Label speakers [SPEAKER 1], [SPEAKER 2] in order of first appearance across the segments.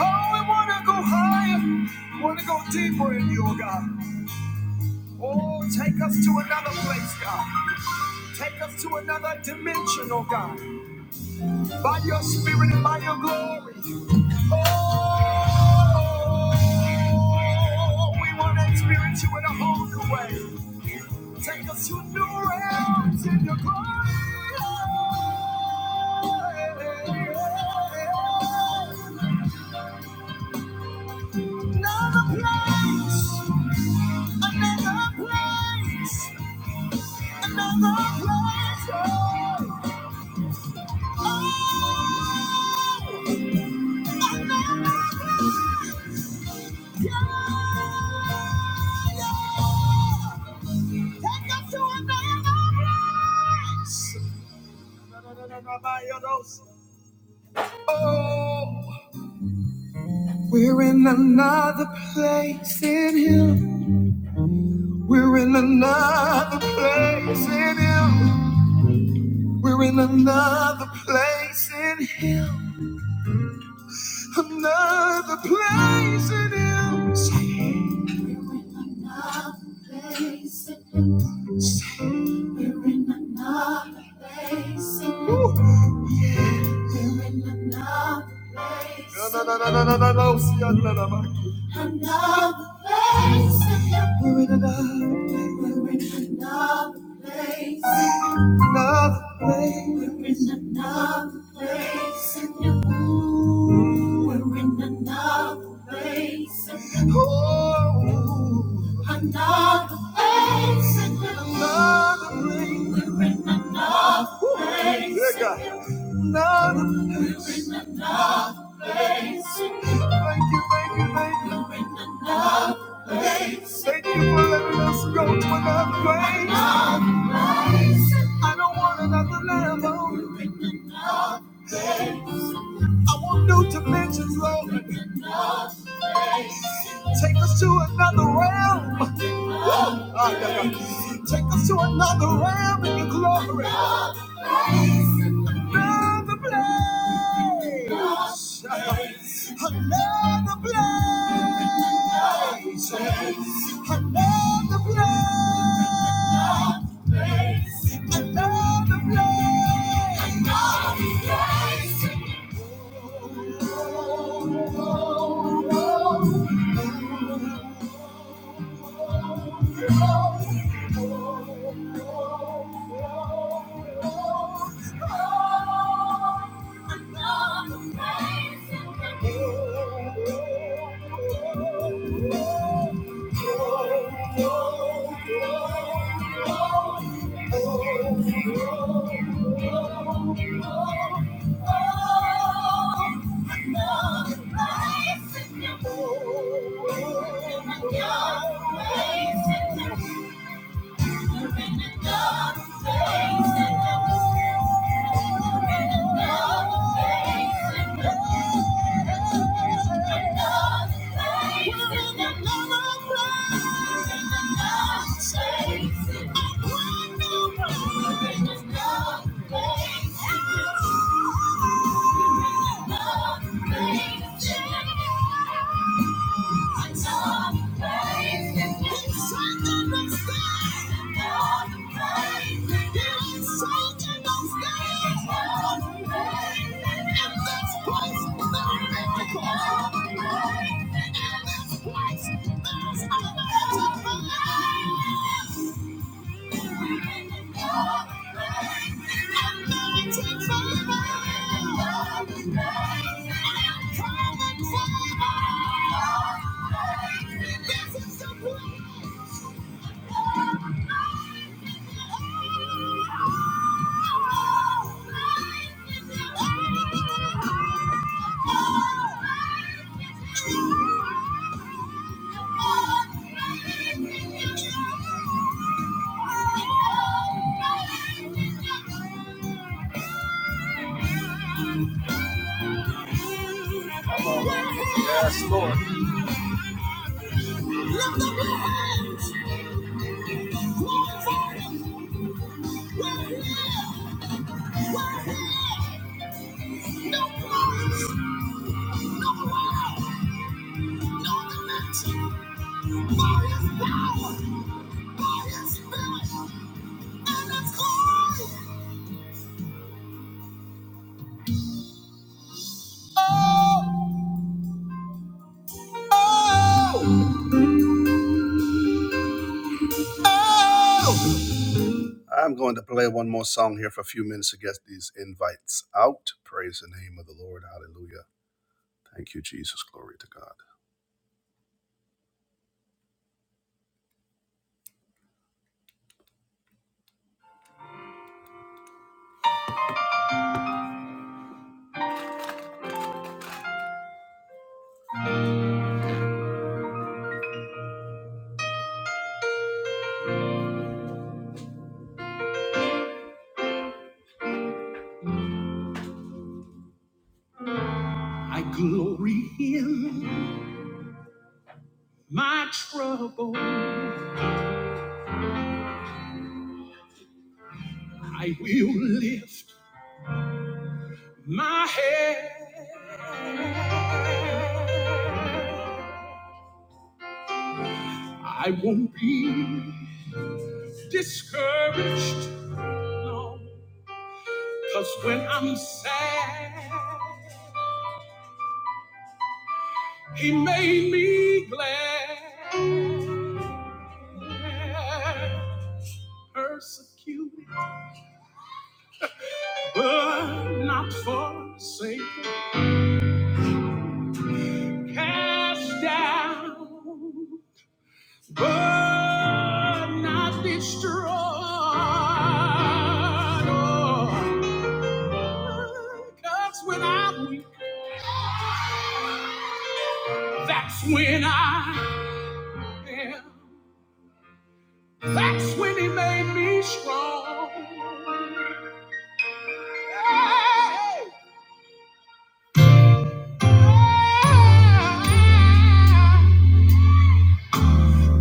[SPEAKER 1] Oh, we want to go higher. We want to go deeper in you, oh God. Oh, take us to another place, God. Take us to another dimension, oh God. By your spirit and by your glory. Oh, we want to experience you in a whole new way. Take us to new realms in your glory. Another place, another place, another place. Oh. Oh, We're in another place in Him. We're in another place in Him. We're in another place in Him. Another place in Him. We're in another place We're in another place We're in another place. We're in another place. We're in another place. We're in another place we're in another place. Oh, another place. Another place. Ooh, God. Another, another place. Thank you, thank you, thank you. We're in another place. Thank you for letting us go to another place. Another place. I don't want another level. I want new dimensions, Lord. Take us to another realm. Woo! Ah, yeah, yeah. Take us to another realm in your glory. Another place. Another place. Another place. Another place. Oh, oh, oh, oh. Oh, Thank you in this place. There's a lot of life. Thank you. Yes, Lord. Lift up your hands. Glorify Him. We're here. We're here. No worries. No worry. No dimension. By His power. By His Spirit. And His glory. Oh, oh, oh. I'm going to play one more song here for a few minutes to get these invites out. Praise the name of the Lord. Hallelujah. Thank you, Jesus. Glory to God. I glory in my trouble. I will lift my head. I won't be forsaken.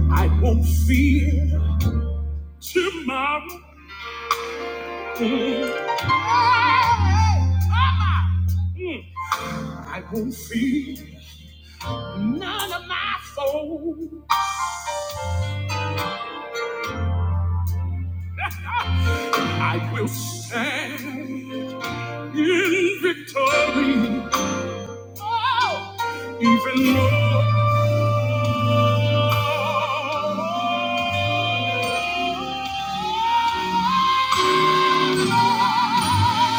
[SPEAKER 1] I won't fear tomorrow. I won't fear none of my foes. I will stand in victory. Oh, even more.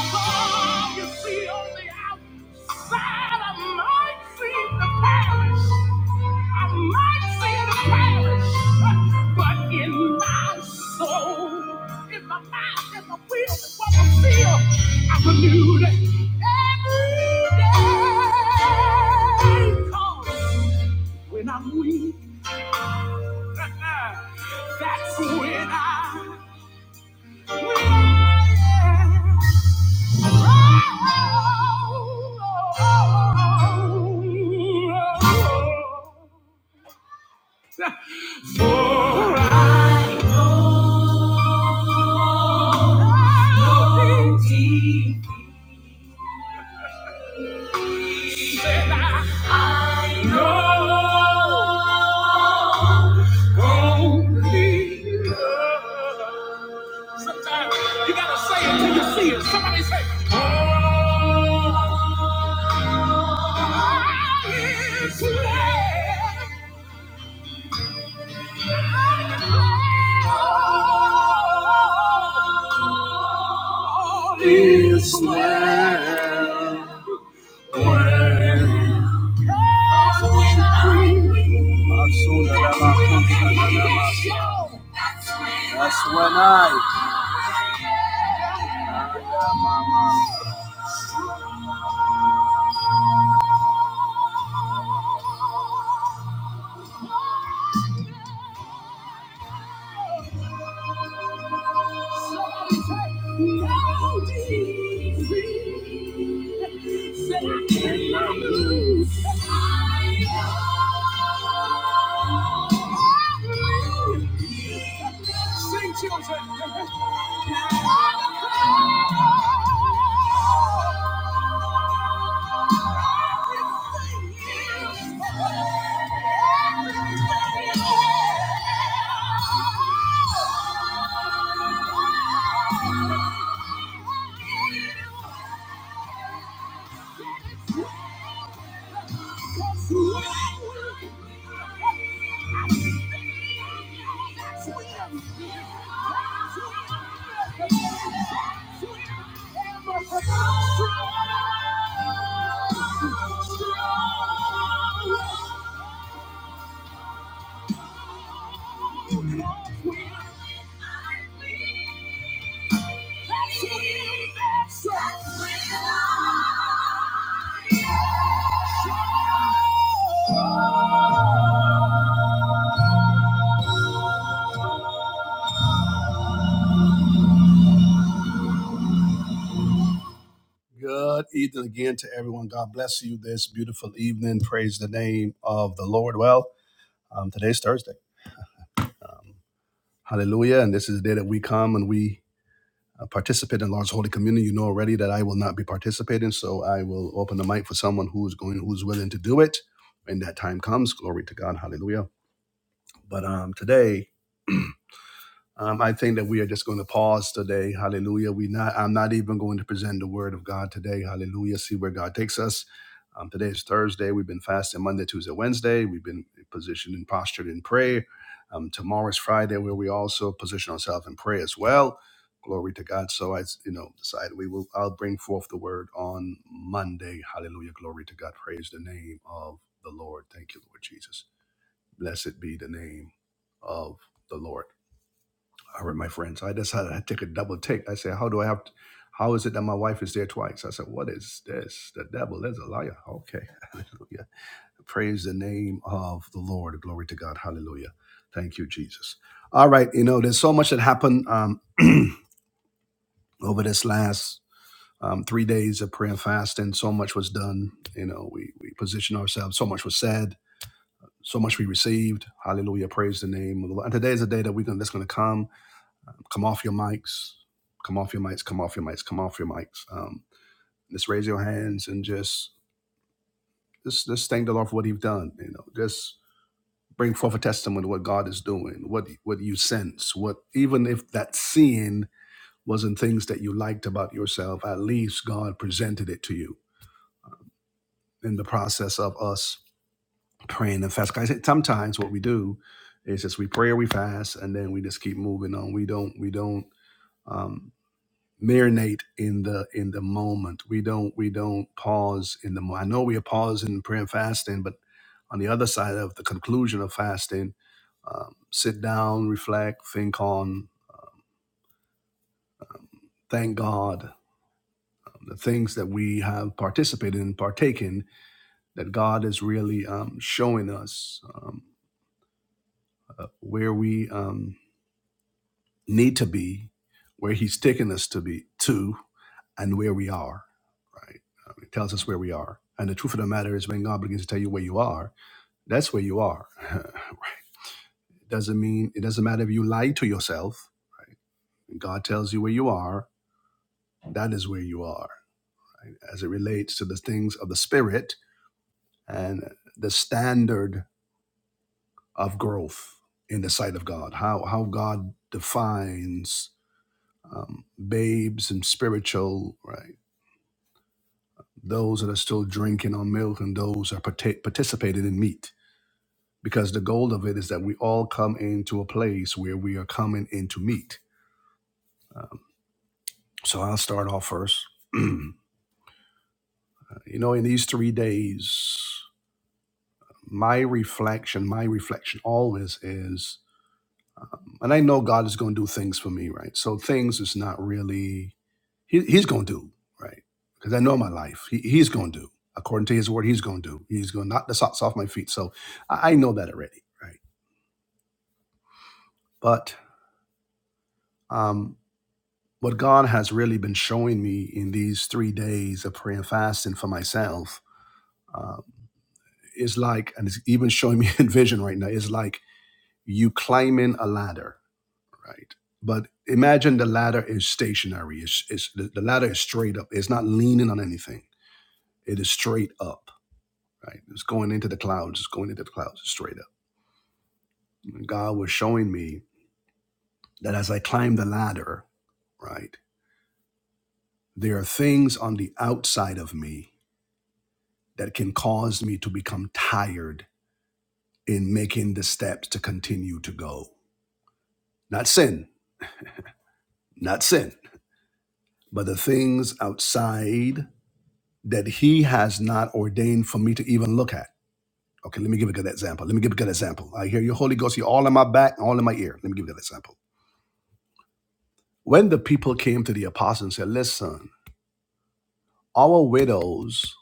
[SPEAKER 1] Oh, you see on the outside, I might seem to perish. I might seem to perish. But in my soul, in my mind, in my will, in what I feel, I'm renewed every day. 'Cause when I'm weak, that's when I, when I am. Sometimes you gotta say it till you see it. Somebody say, oh, it's not. That's when I Strong, strong, strong, strong. Good evening again to everyone. God bless you this beautiful evening. Praise the name of the Lord. Well, um, today's Thursday. Um, hallelujah. And this is the day that we come and we uh, participate in Lord's Holy Communion. You know already that I will not be participating, so I will open the mic for someone who's going, who's willing to do it when that time comes. Glory to God. Hallelujah. But um, today, Um, I think that we are just going to pause today. Hallelujah. We not. I'm not even going to present the word of God today. Hallelujah. See where God takes us. Um, today is Thursday. We've been fasting Monday, Tuesday, Wednesday. We've been positioned and postured in prayer. Um, tomorrow is Friday, where we also position ourselves in prayer as well. Glory to God. So I, you know, decided we will. I'll bring forth the word on Monday. Hallelujah. Glory to God. Praise the name of the Lord. Thank you, Lord Jesus. Blessed be the name of the Lord. I heard my friends. I decided I take a double take. I said, how do I have to, how is it that my wife is there twice? I said, what is this? The devil is a liar. Okay. Hallelujah. Praise the name of the Lord. Glory to God. Hallelujah. Thank you, Jesus. All right. You know, there's so much that happened um, over this last um, three days of prayer and fasting. So much was done. You know, we, we positioned ourselves. So much was said. So much we received. Hallelujah. Praise the name of the Lord. And today is a day that we're going to, that's going to come come off your mics, come off your mics, come off your mics, come off your mics. Um, just raise your hands and just just just thank the Lord for what He's done. You know, just bring forth a testimony of what God is doing, what what you sense, what even if that sin wasn't things that you liked about yourself, at least God presented it to you in the process of us praying and fasting. I said sometimes what we do is just we pray or we fast and then we just keep moving on. We don't we don't. um, marinate in the in the moment. We don't we don't pause in the. mo- I know we are pausing in prayer and fasting, but on the other side of the conclusion of fasting, um, sit down, reflect, think on, thank God um, the things that we have participated in, partaken that God is really um, showing us um, uh, where we um, need to be, where He's taken us to be to, and where we are. right? Um, it tells us where we are. And the truth of the matter is, when God begins to tell you where you are, that's where you are. it doesn't mean it doesn't matter if you lie to yourself. When God tells you where you are. That is where you are, as it relates to the things of the spirit and the standard of growth in the sight of God. How how God defines um, babes and spiritual, right? Those that are still drinking on milk and those are parta- participating in meat because the goal of it is that we all come into a place where we are coming in to meet. So I'll start off first. you know, in these three days, my reflection, my reflection always is, and I know God is going to do things for me, right? So things is not really, he, He's going to do, right? Because I know my life, he, He's going to do. According to His word, He's going to do. He's going to knock the socks off my feet. So I, I know that already, right? But um, what God has really been showing me in these three days of prayer and fasting for myself um, is like, and it's even showing me in vision right now, is like you climbing a ladder, right? But imagine the ladder is stationary. It's, it's the the ladder is straight up. It's not leaning on anything. It is straight up, right? It's going into the clouds. It's going into the clouds It's straight up. And God was showing me that as I climb the ladder, right, there are things on the outside of me that can cause me to become tired in making the steps to continue to go. Not sin, not sin, but the things outside that He has not ordained for me to even look at. Okay, let me give a good example. Let me give a good example. I hear you, Holy Ghost, you're all in my back, all in my ear. Let me give a good example. When the people came to the apostle and said, Listen, our widows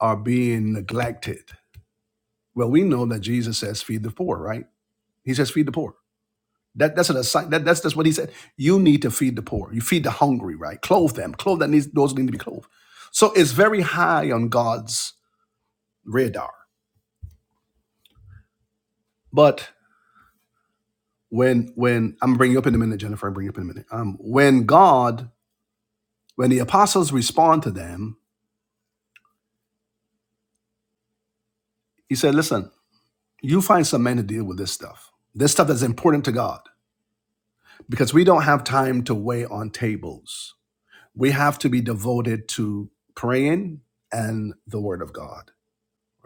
[SPEAKER 1] are being neglected. Well, we know that Jesus says, Feed the poor, right? He says, Feed the poor. That, that's an assign. That, that's that's what he said. You need to feed the poor. You feed the hungry, right? Clothe them. Clothe that needs those need to be clothed. So it's very high on God's radar. But when when I'm bringing you up in a minute, Jennifer, I'm bringing you up in a minute. Um, when God, when the apostles respond to them, he said, "Listen, you find some men to deal with this stuff. This stuff that's important to God, because we don't have time to weigh on tables. We have to be devoted to praying and the Word of God."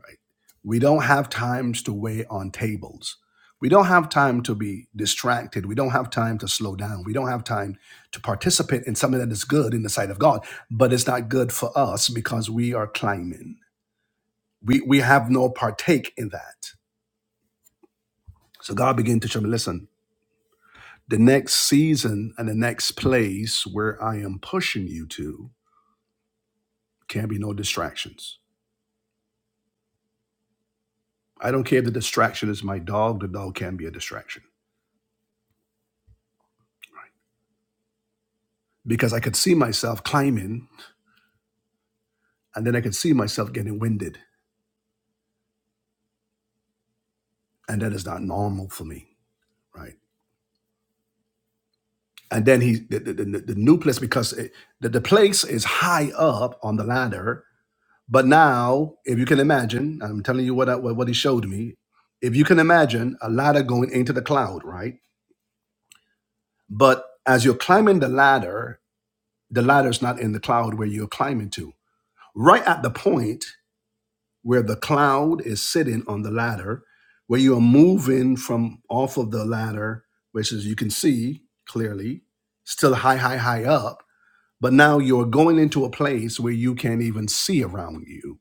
[SPEAKER 1] right? We don't have times to wait on tables. We don't have time to be distracted. We don't have time to slow down. We don't have time to participate in something that is good in the sight of God, but it's not good for us because we are climbing. We we have no partake in that. So God began to show me, listen, the next season and the next place where I am pushing you to can be no distractions. I don't care if the distraction is my dog, the dog can be a distraction because I could see myself climbing and then I could see myself getting winded, and that is not normal for me, right? And then he, the, the, the, the new place, because it, the, the place is high up on the ladder, but now, if you can imagine, I'm telling you what I, what what he showed me. If you can imagine a ladder going into the cloud, right? But as you're climbing the ladder, the ladder's not in the cloud where you're climbing to. Right at the point where the cloud is sitting on the ladder, where you are moving from off of the ladder, which is you can see clearly, still high, high, high up, but now you're going into a place where you can't even see around you.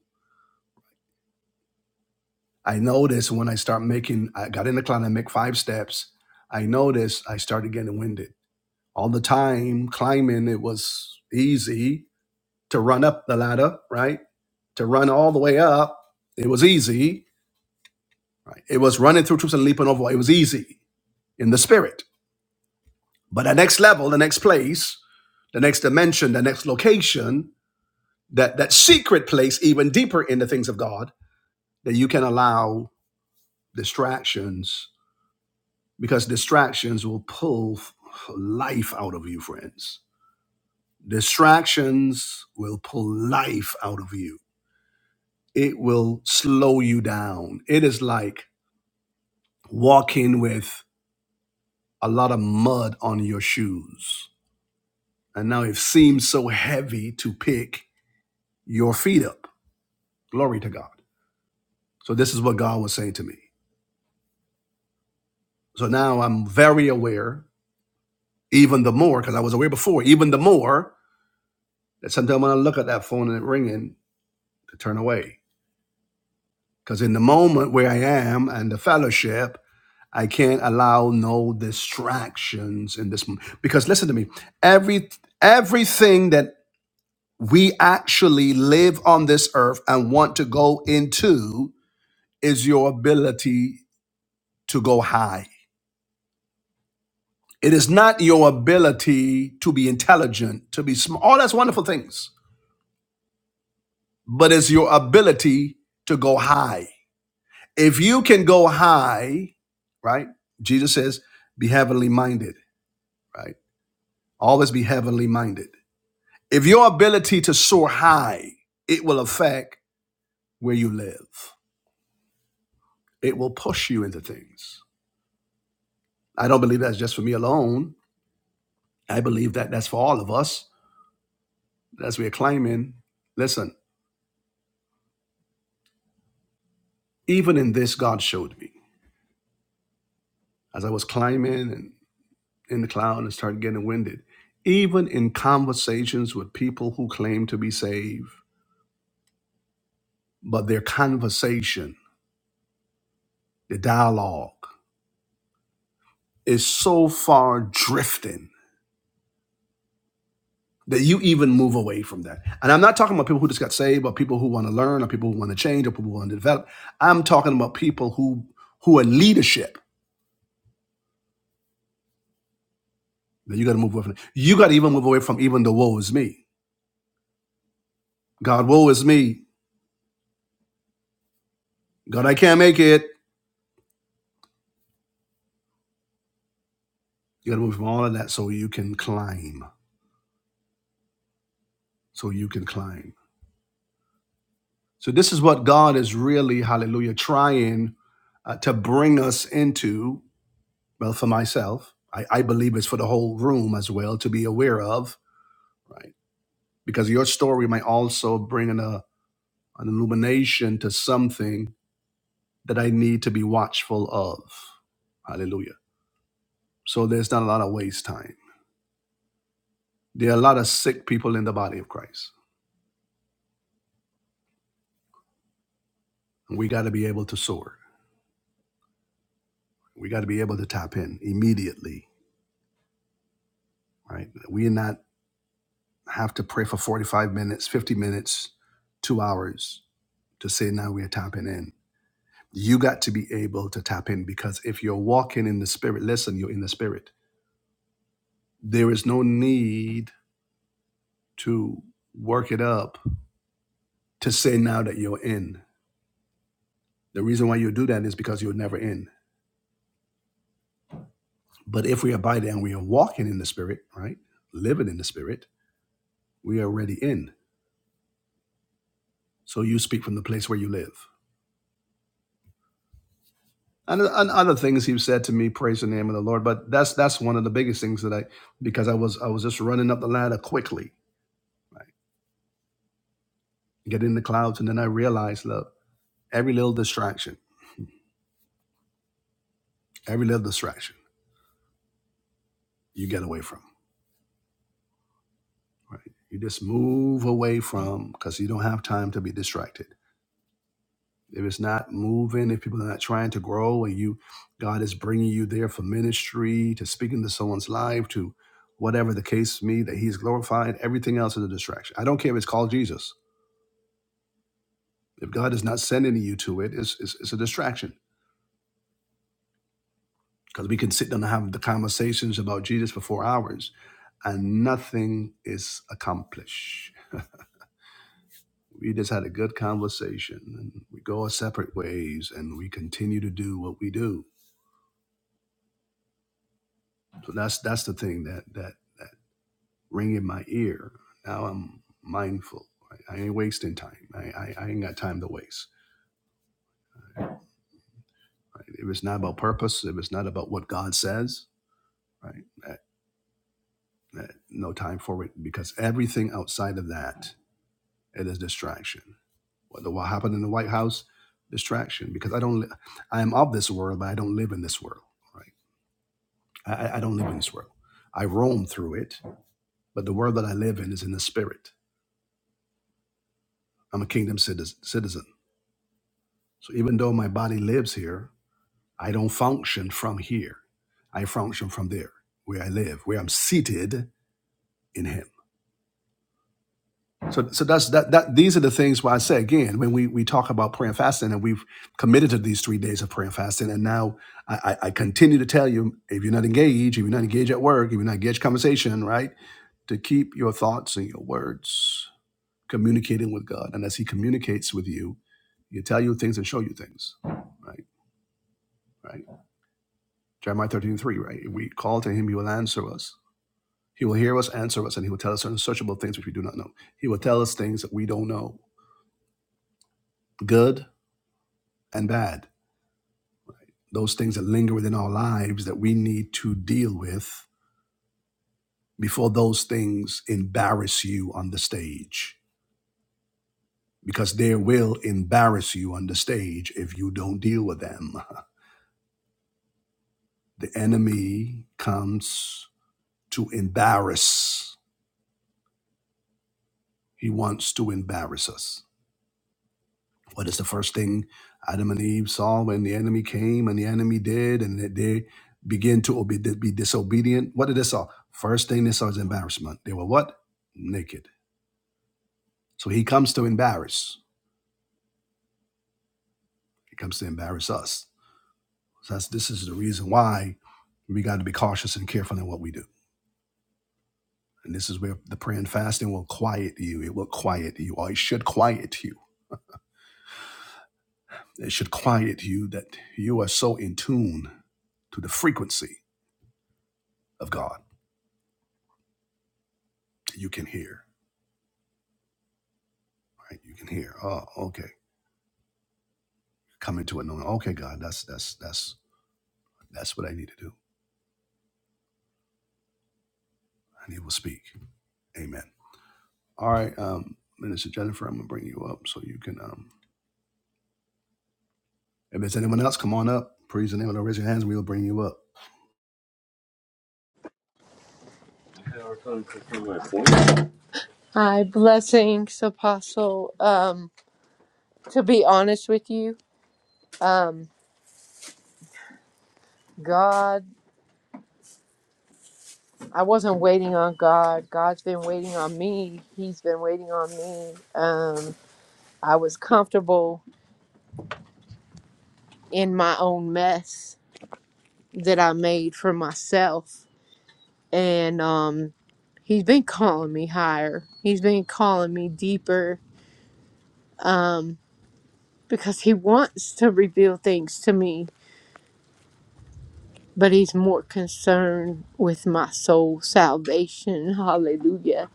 [SPEAKER 1] I noticed when I start making, I got in the cloud, I make five steps. I noticed I started getting winded. All the time climbing, it was easy to run up the ladder, right? To run all the way up, it was easy Right? It was running through troops and leaping over. It was easy in the spirit. But the next level, the next place, the next dimension, the next location, that, that secret place, even deeper in the things of God, that you can allow distractions because distractions will pull f- life out of you, friends. Distractions will pull life out of you. It will slow you down. It is like walking with a lot of mud on your shoes And now it seems so heavy to pick your feet up. Glory to God. So this is what God was saying to me. So now I'm very aware, even the more, because I was aware before, even the more that sometimes when I look at that phone and it ringing, to turn away. Because in the moment where I am and the fellowship, I can't allow no distractions in this. moment. Because listen to me, every everything that we actually live on this earth and want to go into is your ability to go high. It is not your ability to be intelligent, to be smart. All that's wonderful things, but it's your ability to go high. If you can go high, right? Jesus says, be heavenly minded, right? Always be heavenly minded. If your ability to soar high, it will affect where you live. It will push you into things. I don't believe that's just for me alone. I believe that that's for all of us As we are climbing, listen, even in this, God showed me. As I was climbing and in the cloud and started getting winded, even in conversations with people who claim to be saved, but their conversation, the dialogue, is so far drifting that you even move away from that. And I'm not talking about people who just got saved, or people who want to learn, or people who want to change, or people who want to develop. I'm talking about people who who are leadership that you got to move away from. You got to even move away from even the woe is me. God, woe is me. God, I can't make it. You got to move from all of that so you can climb. So you can climb. So this is what God is really, hallelujah, trying uh, to bring us into. Well, for myself, I, I believe it's for the whole room as well to be aware of, right? Because your story might also bring an, uh, an illumination to something that I need to be watchful of. Hallelujah. So there's not a lot of waste time. There are a lot of sick people in the body of Christ And we got to be able to soar. We got to be able to tap in immediately, right? We not have to pray for 45 minutes, 50 minutes, two hours to say now we are tapping in. You got to be able to tap in because if you're walking in the spirit, listen, you're in the spirit. There is no need to work it up to say now that you're in. The reason why you do that is because you're never in. But if we abide and we are walking in the spirit, right? Living in the spirit, we are already in So you speak from the place where you live. And, and other things he said to me, praise the name of the Lord. But that's that's one of the biggest things that I because I was I was just running up the ladder quickly, right? Get in the clouds, and then I realized, look, every little distraction, every little distraction, you get away from, right? You just move away from because you don't have time to be distracted. if it's not moving, if people are not trying to grow, and you, God is bringing you there for ministry, to speaking to someone's life, to whatever the case may be, that He's glorified, everything else is a distraction. I don't care if it's called Jesus. If God is not sending you to it, it's, it's, it's a distraction because we can sit down and have the conversations about Jesus for four hours and nothing is accomplished. We just had a good conversation and we go our separate ways and we continue to do what we do. So that's that's the thing that that that ring in my ear. Now I'm mindful. I, ain't wasting time. I, I, I ain't got time to waste. Right? If it's not about purpose, if it's not about what God says, right? that- that- no time for it because everything outside of that it is distraction. What, what happened in the White House? Distraction. Because I don't. Li- I am of this world, but I don't live in this world. Right? I, I I don't live in this world. I roam through it, but the world that I live in is in the spirit. I'm a kingdom citizen. citizen. So even though my body lives here, I don't function from here. I function from there, where I live, where I'm seated in Him. So, so that's that. That these are the things where I say again when we we talk about prayer and fasting, and we've committed to these three days of prayer and fasting, and now I, I I continue to tell you if you're not engaged, if you're not engaged at work, if you're not engaged conversation, right, to keep your thoughts and your words communicating with God, and as He communicates with you, He'll tell you things and show you things, right, right. Jeremiah 13:3, right? If we call to Him, He will answer us He will hear us, answer us, and he will tell us certain searchable things which we do not know. He will tell us things that we don't know, good and bad, those things that linger within our lives that we need to deal with before those things embarrass you on the stage. Because they will embarrass you on the stage if you don't deal with them. The enemy comes to embarrass, he wants to embarrass us. What is the first thing Adam and Eve saw when the enemy came and the enemy did and that they began to obe- be disobedient? What did they saw? First thing they saw is embarrassment. They were what? Naked. So he comes to embarrass. He comes to embarrass us. So that's, this is the reason why we got to be cautious and careful in what we do. And this is where the prayer and fasting will quiet you. It will quiet you, or it should quiet you. It should quiet you that you are so in tune to the frequency of God that you can hear. right? You can hear. Oh, okay. Come into it knowing, okay, God, that's that's that's that's what I need to do. And he will speak. Amen. All right, um, Minister Jennifer, I'm gonna bring you up so you can um if there's anyone else, come on up. Praise the name of the Lord. raise your hands, we'll bring you up.
[SPEAKER 2] Hi, blessings, Apostle. Um, to be honest with you, um, God, I wasn't waiting on God. God's been waiting on me. He's been waiting on me. Um, I was comfortable in my own mess that I made for myself, and um, He's been calling me higher. He's been calling me deeper. Um, because He wants to reveal things to me but he's more concerned with my soul's salvation. Hallelujah.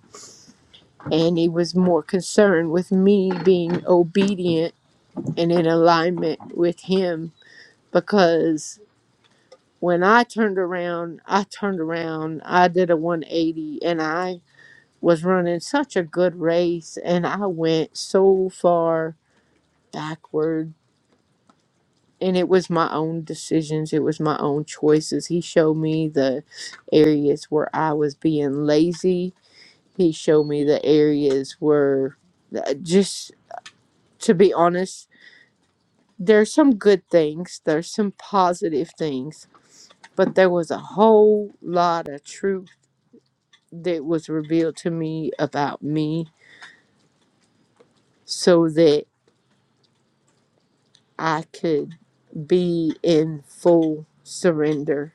[SPEAKER 2] And he was more concerned with me being obedient and in alignment with him because when I turned around, I turned around, I did a 180 and I was running such a good race and I went so far backwards and it was my own decisions it was my own choices he showed me the areas where i was being lazy he showed me the areas where uh, just to be honest there's some good things there's some positive things but there was a whole lot of truth that was revealed to me about me so that i could be in full surrender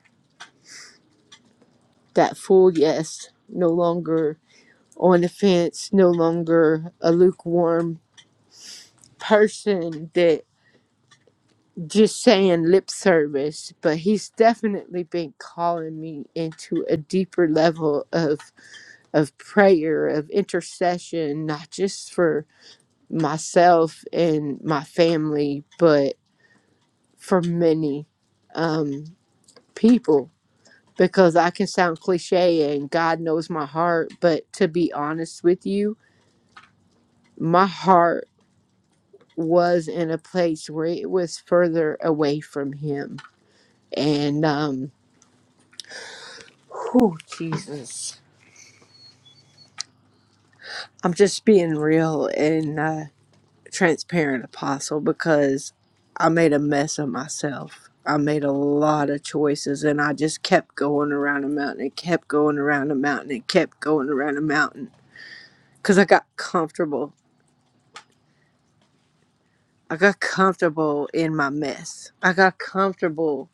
[SPEAKER 2] that full yes no longer on the fence, no longer a lukewarm person that just saying lip service, but he's definitely been calling me into a deeper level of of prayer, of intercession, not just for myself and my family, but for many um people because I can sound cliche and God knows my heart, but to be honest with you, my heart was in a place where it was further away from him. And, um, whew, Jesus. I'm just being real and uh, transparent, Apostle, because I made a mess of myself. I made a lot of choices and I just kept going around a mountain and kept going around a mountain and kept going around a mountain because I got comfortable. I got comfortable in my mess. I got comfortable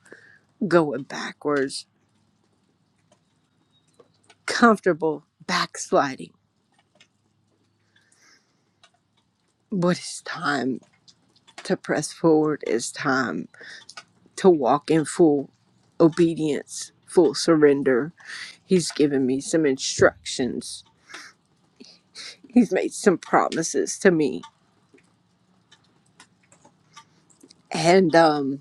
[SPEAKER 2] going backwards, comfortable backsliding But it's time to press forward. It's time to walk in full obedience, full surrender. He's given me some instructions. He's made some promises to me. And um,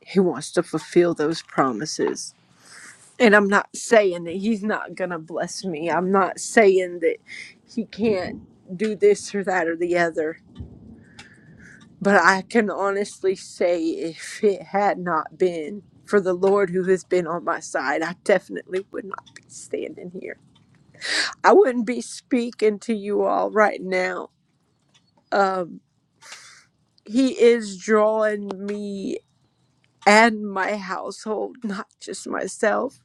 [SPEAKER 2] he wants to fulfill those promises. And I'm not saying that he's not going to bless me. I'm not saying that he can't do this or that or the other. But I can honestly say, if it had not been for the Lord who has been on my side, I definitely would not be standing here. I wouldn't be speaking to you all right now. Um, he is drawing me and my household, not just myself,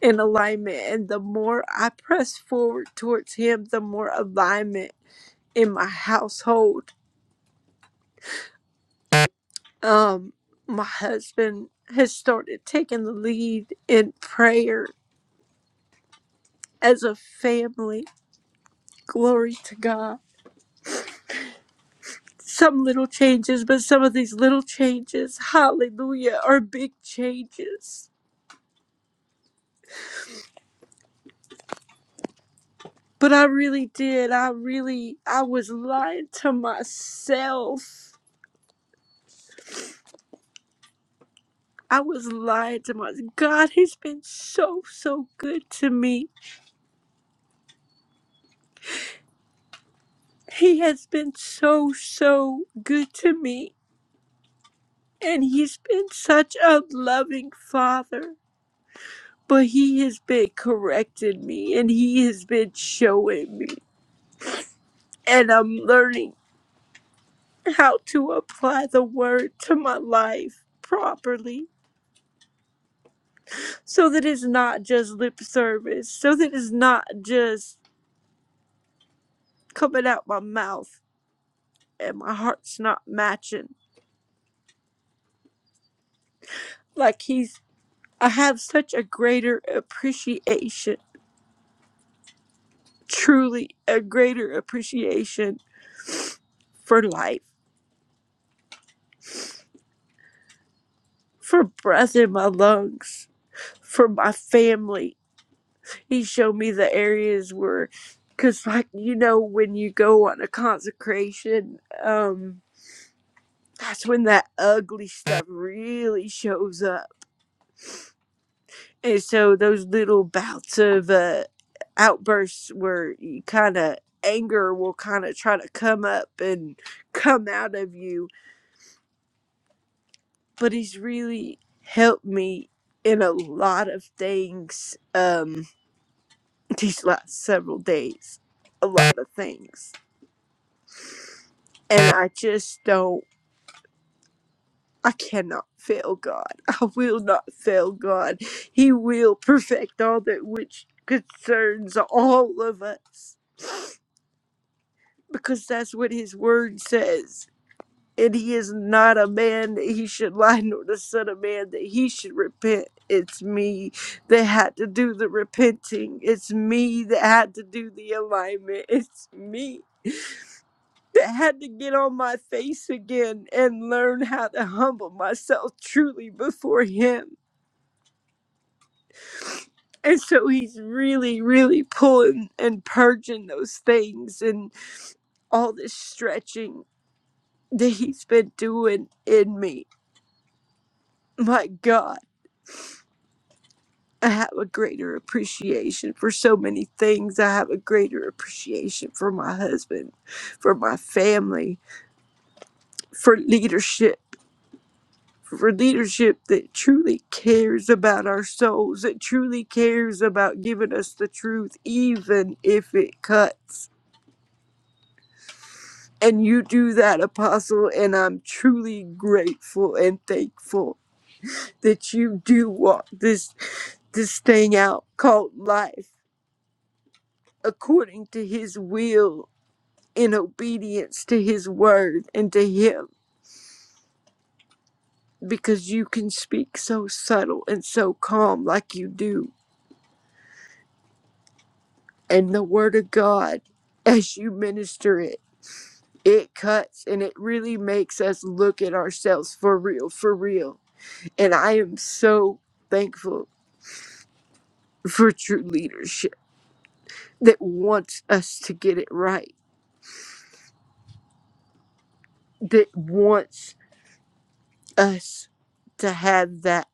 [SPEAKER 2] in alignment. And the more I press forward towards Him, the more alignment in my household um my husband has started taking the lead in prayer as a family glory to god some little changes but some of these little changes hallelujah are big changes but i really did i really i was lying to myself i was lying to myself god has been so so good to me he has been so so good to me And he's been such a loving father. But he has been correcting me and he has been showing me. And I'm learning how to apply the word to my life properly so that it's not just lip service, so that it's not just coming out my mouth and my heart's not matching. Like he's, I have such a greater appreciation, truly a greater appreciation for life for breath in my lungs, for my family. He showed me the areas where, because, like, you know, when you go on a consecration, um, that's when that ugly stuff really shows up. And so those little bouts of uh, outbursts where you kind of anger will kind of try to come up and come out of you. But he's really helped me in a lot of things. Um, these last several days a lot of things and i just don't i cannot fail god i will not fail god he will perfect all that which concerns all of us because that's what his word says and he is not a man that he should lie nor the son of man that he should repent it's me that had to do the repenting it's me that had to do the alignment it's me that had to get on my face again and learn how to humble myself truly before him. And so he's really, really pulling and purging those things and all this stretching that he's been doing in me. My God, I have a greater appreciation for so many things. I have a greater appreciation for my husband, for my family, for leadership for leadership that truly cares about our souls, that truly cares about giving us the truth, even if it cuts. And you do that, Apostle, and I'm truly grateful and thankful that you do walk this this thing out called life according to His will, in obedience to His word and to Him, because you can speak so subtle and so calm like you do and the word of God as you minister it. It cuts and it really makes us look at ourselves for real, for real. And I am so thankful for true leadership that wants us to get it right, that wants us to have that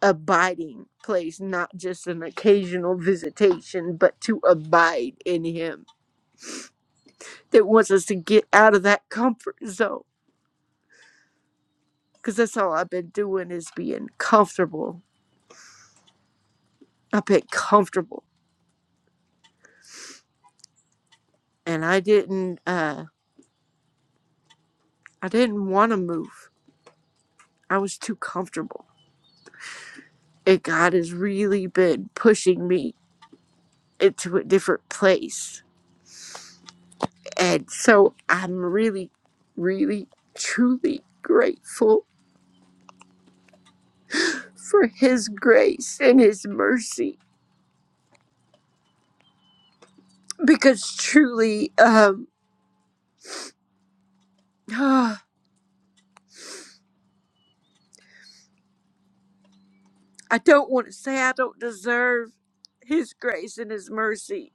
[SPEAKER 2] abiding place, not just an occasional visitation, but to abide in Him, that wants us to get out of that comfort zone. Because that's all I've been doing is being comfortable I felt comfortable, and I didn't. Uh, I didn't want to move. I was too comfortable. And God has really been pushing me into a different place, and so I'm really, really, truly grateful for His grace and His mercy, because truly, um, ah, I don't want to say I don't deserve His grace and His mercy,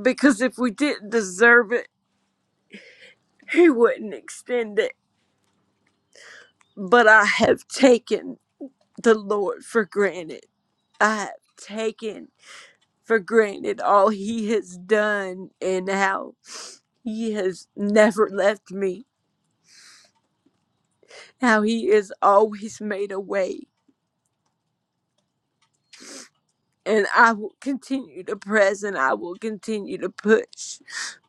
[SPEAKER 2] because if we didn't deserve it, He wouldn't extend it but I have taken the Lord for granted. I have taken for granted all He has done and how He has never left me, how He has always made a way. And I will continue to press and I will continue to push.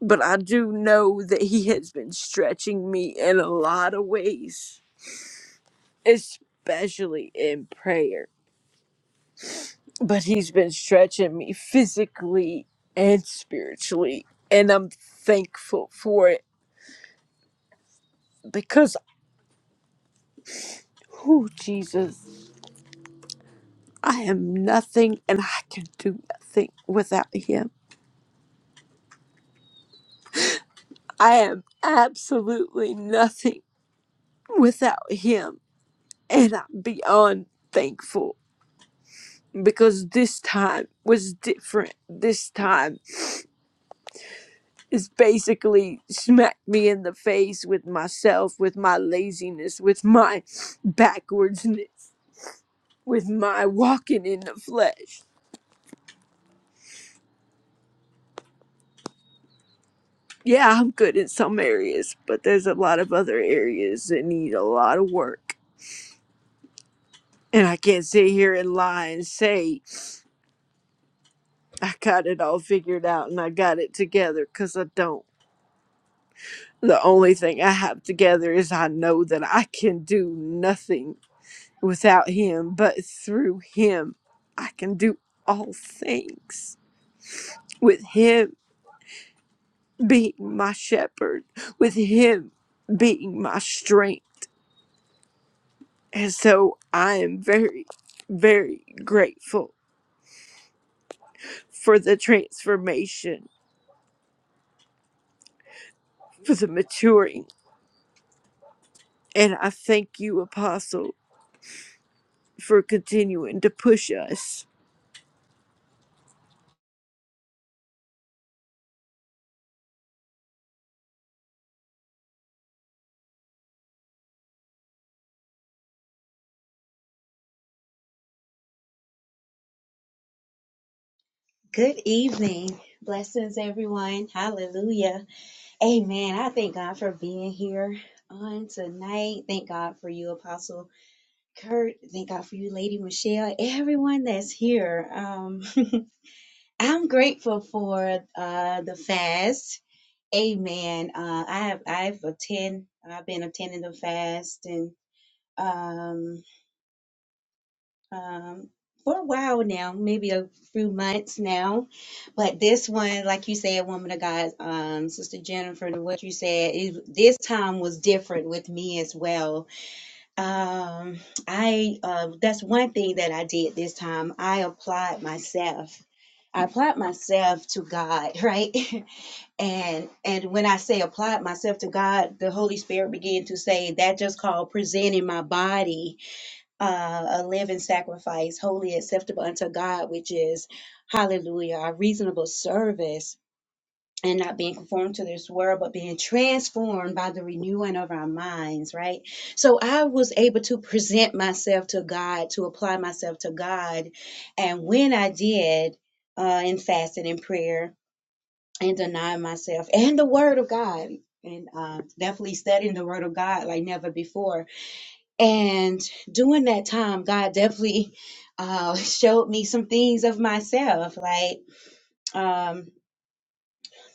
[SPEAKER 2] But I do know that He has been stretching me in a lot of ways, especially in prayer. but he's been stretching me physically and spiritually and i'm thankful for it because oh jesus i am nothing and i can do nothing without him i am absolutely nothing without him and i'm beyond thankful because this time was different this time is basically smacked me in the face with myself, with my laziness, with my backwardsness, with my walking in the flesh. Yeah, I'm good in some areas, but there's a lot of other areas that need a lot of work. And I can't sit here and lie and say I got it all figured out and I got it together because I don't. The only thing I have together is I know that I can do nothing without him, but through him I can do all things. With him being my shepherd, with him being my strength. And so I am very, very grateful for the transformation, for the maturing. And I thank you, Apostle, for continuing to push us
[SPEAKER 3] Good evening. Blessings, everyone. Hallelujah. Amen. I thank God for being here on tonight. Thank God for you, Apostle Kurt. Thank God for you, Lady Michelle. Everyone that's here. Um, I'm grateful for uh, the fast. Amen. Uh, I have I've attend. I've been attending the fast and um, um, for a while now, maybe a few months now. But this one, like you said, woman of God, um, Sister Jennifer, and what you said, it, this time was different with me as well. Um, I uh, that's one thing that I did this time. I applied myself. I applied myself to God, right? and and when I say applied myself to God, the Holy Spirit began to say that just called presenting my body uh, a living sacrifice, holy, acceptable unto God, which is, hallelujah, our reasonable service. And not being conformed to this world, but being transformed by the renewing of our minds, right? So I was able to present myself to God, to apply myself to God. And when I did, uh, in fasting and prayer and denying myself and the Word of God, and uh, definitely studying the Word of God like never before, and during that time, God definitely uh, showed me some things of myself. Like, um,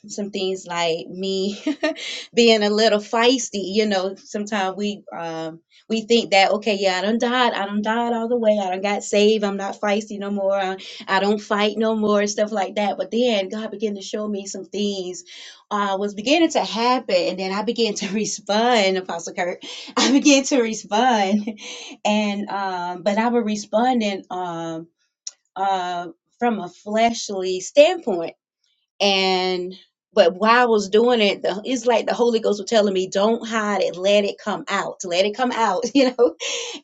[SPEAKER 3] some things like me being a little feisty. You know, sometimes we um we think that okay, yeah, I done died, I done died all the way, I done got saved, I'm not feisty no more, I, I don't fight no more, and stuff like that. But then God began to show me some things uh was beginning to happen, and then I began to respond, Apostle Kurt. I began to respond, and um, but I was responding um uh from a fleshly standpoint and but while I was doing it, the, it's like the Holy Ghost was telling me, "Don't hide it. Let it come out. Let it come out." You know,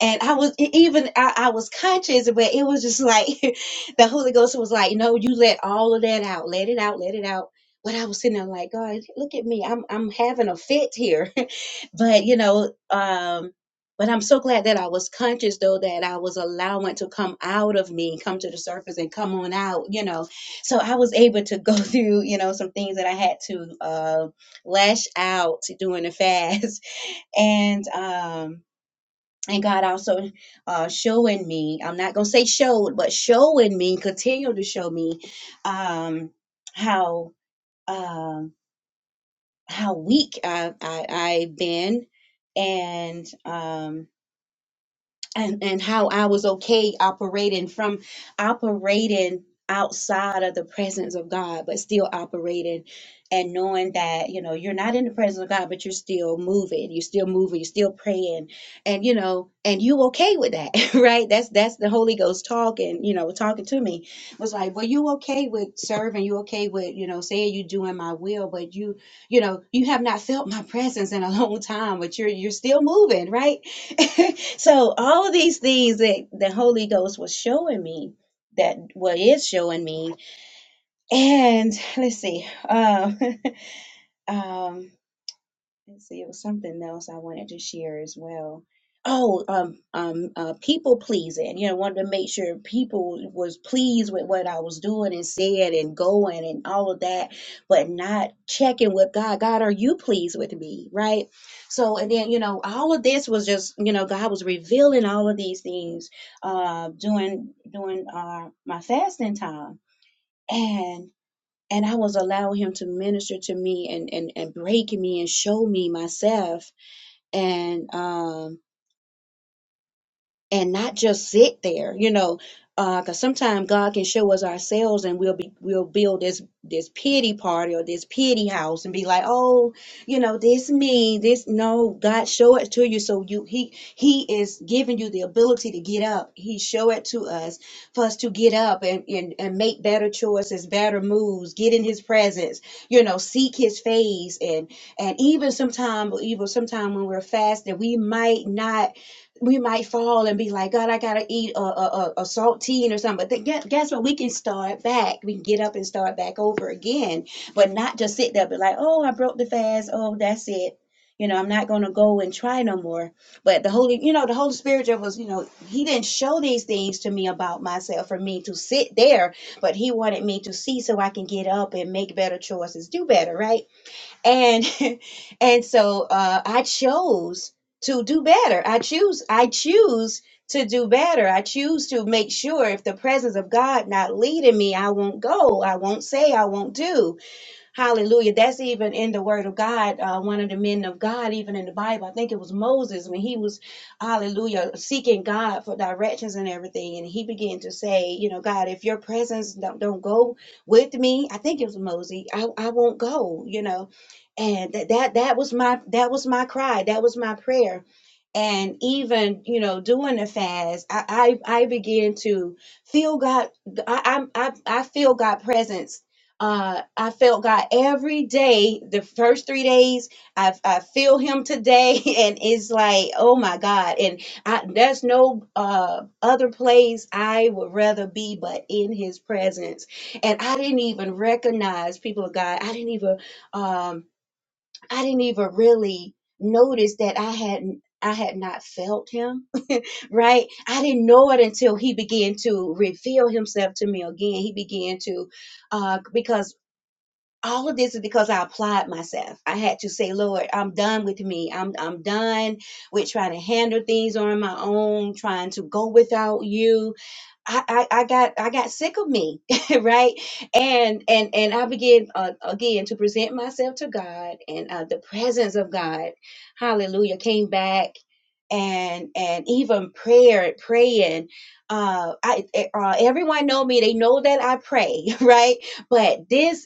[SPEAKER 3] and I was e- even I, I was conscious, but it was just like the Holy Ghost was like, "No, you let all of that out, let it out, let it out." But I was sitting there like, God, look at me, I'm I'm having a fit here, but you know, um, but I'm so glad that I was conscious though that I was allowing it to come out of me, come to the surface, and come on out, you know. So I was able to go through, you know, some things that I had to uh, lash out during the fast, and um and God also uh, showing me, I'm not going to say showed, but showing me, continue to show me um, how um how weak I, I, I've been and um, and and how I was okay operating from operating outside of the presence of God, but still operating and knowing that you know you're not in the presence of God, but you're still moving, you're still moving, you're still praying, and you know, and you okay with that, right? That's that's the Holy Ghost talking, you know, talking to me was like, well, you okay with serving, you okay with you know saying you doing my will, but you you know you have not felt my presence in a long time, but you're you're still moving, right? so all of these things that the Holy Ghost was showing me that what is showing me and let's see um, um and see, it was something else I wanted to share as well. Oh, um, um, uh, people pleasing. You know, wanted to make sure people was pleased with what I was doing and said and going and all of that, but not checking with God. God, are you pleased with me? Right. So, and then you know, all of this was just you know, God was revealing all of these things uh, during during uh, my fasting time, and and I was allowing him to minister to me and and and break me and show me myself. And um and not just sit there, you know, because sometimes God can show us ourselves, and we'll be we'll build this this pity party or this pity house, and be like, oh, you know, this me, this no, God show it to you, so you he he is giving you the ability to get up. He show it to us for us to get up and and and make better choices, better moves, get in His presence, you know, seek His face, and and even sometimes even sometimes when we're fasting, we might not we might fall and be like, God, I gotta eat a, a, a, saltine or something. But th- guess, what? We can start back. We can get up and start back over again, but not just sit there, and be like, oh, I broke the fast. Oh, that's it. You know, I'm not gonna go and try no more. But the Holy, you know, the Holy Spirit was, you know, He didn't show these things to me about myself for me to sit there, but He wanted me to see so I can get up and make better choices, do better, right? and and so uh, I chose to do better. I choose I choose to do better. I choose to make sure if the presence of God not leading me, I won't go. I won't say. I won't do Hallelujah. That's even in the Word of God. Uh, one of the men of God, even in the Bible, I think it was Moses when he was, hallelujah, seeking God for directions and everything. And he began to say, you know, God, if your presence don't, don't go with me, I think it was Moses, I, I won't go, you know. And that, that that was my that was my cry. That was my prayer. And even, you know, doing the fast, I I, I began to feel God I I I I feel God presence uh, I felt God every day. The first three days, I, I feel Him today, and it's like, oh my God! And I, there's no uh, other place I would rather be but in His presence. And I didn't even recognize people of God. I didn't even, um, I didn't even really notice that I had. I had not felt him, right? I didn't know it until he began to reveal himself to me again. He began to, uh, because all of this is because I applied myself. I had to say, Lord, I'm done with me. I'm I'm done with trying to handle things on my own, trying to go without you. I I, I got I got sick of me, right? And and and I began uh, again to present myself to God, and uh, the presence of God, Hallelujah, came back. And and even prayer, praying, uh, I eh, uh, everyone know me. They know that I pray, right? but this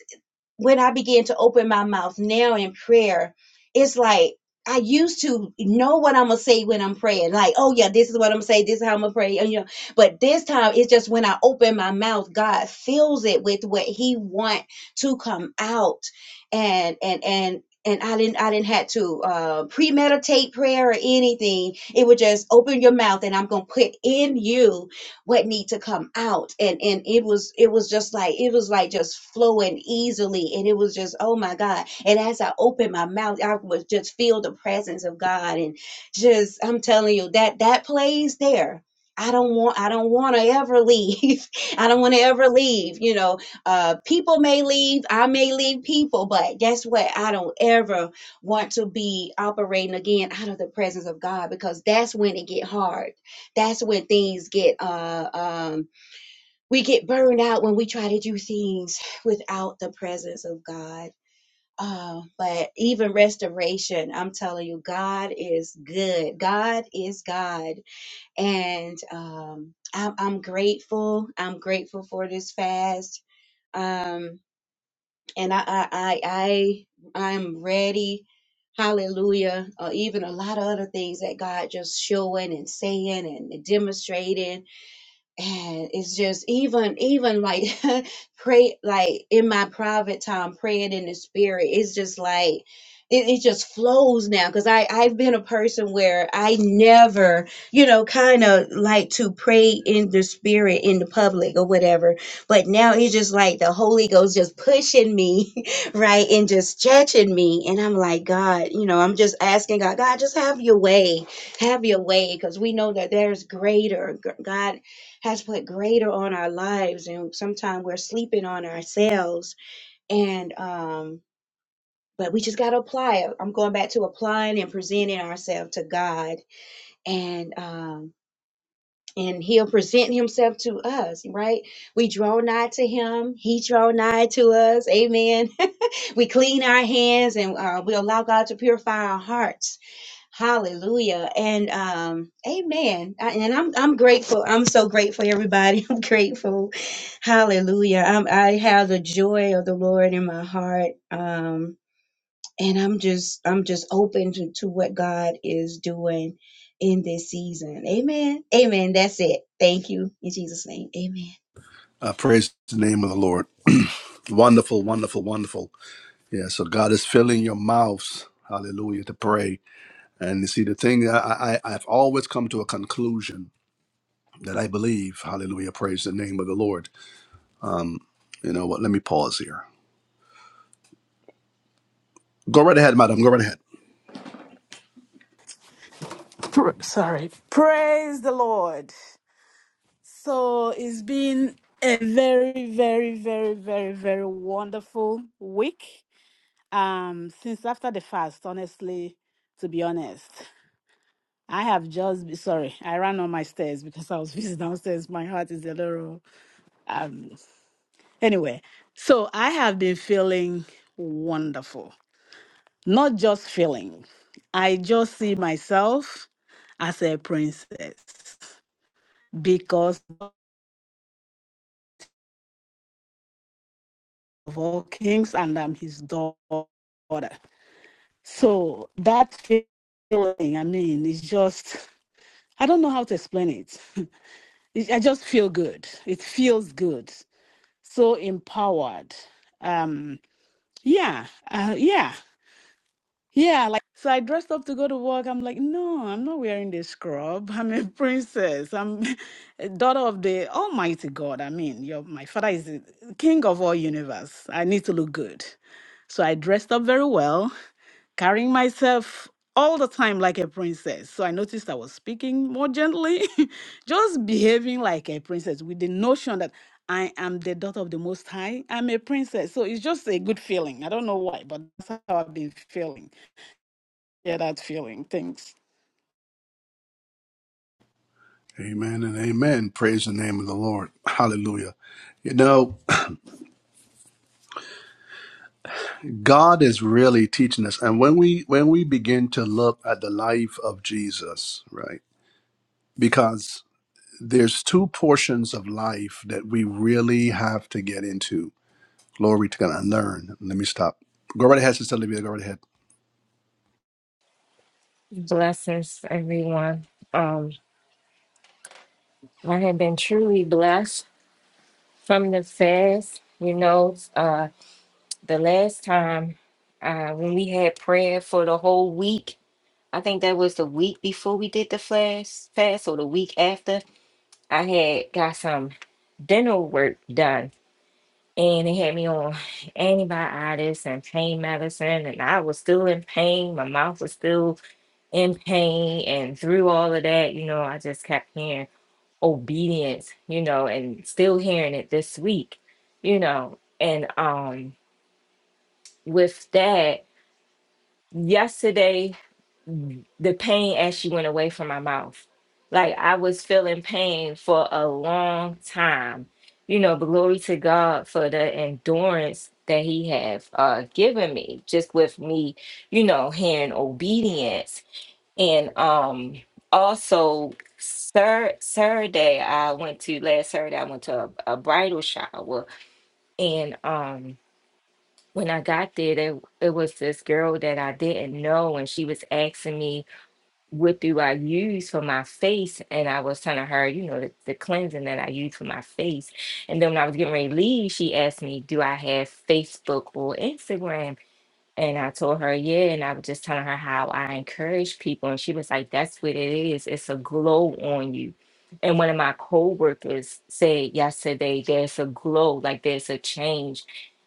[SPEAKER 3] when I began to open my mouth now in prayer, it's like I used to know what I'm gonna say when I'm praying. Like, oh yeah, this is what I'm gonna say. This is how I'm gonna pray. And, you know, but this time it's just when I open my mouth, God fills it with what He want to come out, and and and. And I didn't, I didn't have to uh, premeditate prayer or anything. It would just open your mouth, and I'm gonna put in you what need to come out and and it was it was just like it was like just flowing easily and it was just oh my god and as i opened my mouth i was just feel the presence of god and just i'm telling you that that plays there I don't want I don't want to ever leave. I don't want to ever leave, you know. Uh people may leave, I may leave people, but guess what? I don't ever want to be operating again out of the presence of God because that's when it get hard that's when things get uh um we get burned out when we try to do things without the presence of God. Uh, but even restoration, I'm telling you, God is good. God is God, and um, I'm, I'm grateful. I'm grateful for this fast, um, and I I I I I'm ready. Hallelujah! Or even a lot of other things that God just showing and saying and demonstrating and it's just even even like pray like in my private time praying in the spirit it's just like it, it just flows now because i i've been a person where i never you know kind of like to pray in the spirit in the public or whatever but now it's just like the holy ghost just pushing me right and just stretching me and i'm like god you know i'm just asking god god just have your way have your way because we know that there's greater. G- God has put greater on our lives and sometimes we're sleeping on ourselves and um but we just got to apply it i'm going back to applying and presenting ourselves to god and um and he'll present himself to us right we draw nigh to him he draw nigh to us amen we clean our hands and uh, we allow god to purify our hearts Hallelujah and um, amen. I- And I'm I'm grateful. I'm so grateful, everybody. I'm grateful. Hallelujah. I'm, I have the joy of the Lord in my heart, um, and I'm just I'm just open to, to what God is doing in this season. Amen. Amen. That's it. Thank you in Jesus' name. Amen.
[SPEAKER 1] Uh, praise the name of the Lord. wonderful, wonderful, wonderful. Yeah, so God is filling your mouths, hallelujah, to pray. And you see the thing I, I I've always come to a conclusion that I believe, hallelujah, praise the name of the Lord. You know what? Let me pause here. Go right ahead, madam. Go right ahead.
[SPEAKER 4] Pr- sorry. Praise the Lord. So it's been a very, very, very, very, very wonderful week. Um, since after the fast, honestly, to be honest, I have just be- sorry. I ran on my stairs because I was busy downstairs. My heart is a little um. Anyway, so I have been feeling wonderful. Not just feeling. I just see myself as a princess because. of all kings, and I'm his daughter. So that feeling, I mean, it's just, I don't know how to explain it. it I just feel good. It feels good. So empowered. Um, yeah, uh, yeah, yeah. Like, so I dressed up to go to work. I'm like, no, I'm not wearing this scrub. I'm a princess. I'm a daughter of the Almighty God. I mean, your my father is the king of all universe. I need to look good. So I dressed up very well carrying myself all the time like a princess. So I noticed I was speaking more gently, just behaving like a princess with the notion that I am the daughter of the Most High. I'm a princess. So it's just a good feeling. I don't know why, but that's how I've been feeling. Yeah, that feeling. Thanks.
[SPEAKER 1] Amen and amen. Praise the name of the Lord. Hallelujah. You know, God is really teaching us. And when we when we begin to look at the life of Jesus, right? Because there's two portions of life that we really have to get into. Glory to God and learn. Let me stop. Go right ahead, Sister Olivia. Go right ahead.
[SPEAKER 5] Blessings, everyone. Um, I have been truly blessed from the fast. You know, uh, the last time uh, when we had prayer for the whole week, I think that was the week before we did the fast, fast or the week after. I had got some dental work done, and they had me on antibiotics and pain medicine, and I was still in pain. My mouth was still in pain, and through all of that, you know, I just kept hearing. obedience, you know, and still hearing it this week, you know. And um with that, yesterday mm, the pain actually went away from my mouth. Like I was feeling pain for a long time. You know, but glory to God for the endurance that he have uh given me just with me, you know, hearing obedience and um also Sir Saturday I went to last Saturday I went to a, a bridal shower and um when I got there, there it was this girl that I didn't know and she was asking me what do I use for my face and I was telling her, you know, the, the cleansing that I use for my face. And then when I was getting ready to leave, she asked me, Do I have Facebook or Instagram? And I told her, yeah. And I was just telling her how I encourage people. And she was like, that's what it is. It's a glow on you. And one of my coworkers said yesterday, there's a glow, like there's a change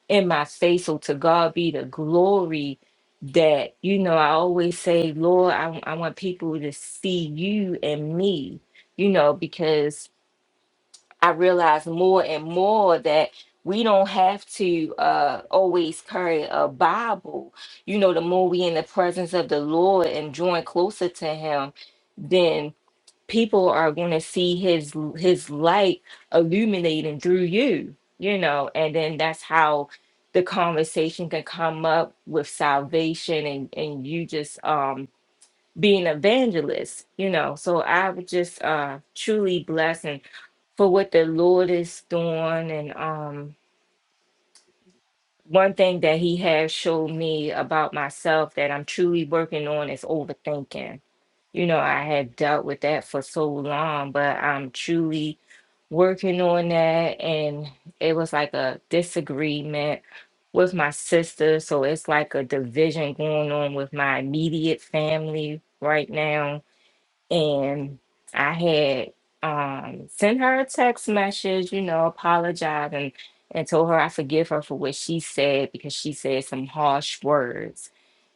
[SPEAKER 5] in my face. So to God be the glory that, you know, I always say, Lord, I, I want people to see you and me, you know, because I realize more and more that we don't have to uh, always carry a Bible. You know, the more we in the presence of the Lord and join closer to Him, then people are going to see His His light illuminating through you. You know, and then that's how the conversation can come up with salvation, and and you just um be an evangelist, you know. So I was just uh truly blessed and for what the Lord is doing. And um one thing that he has showed me about myself that I'm truly working on is overthinking. You know, I had dealt with that for so long, but I'm truly working on that and it was like a disagreement with my sister so it's like a division going on with my immediate family right now and I had um, sent her a text message, you know, apologizing and told her I forgive her for what she said because she said some harsh words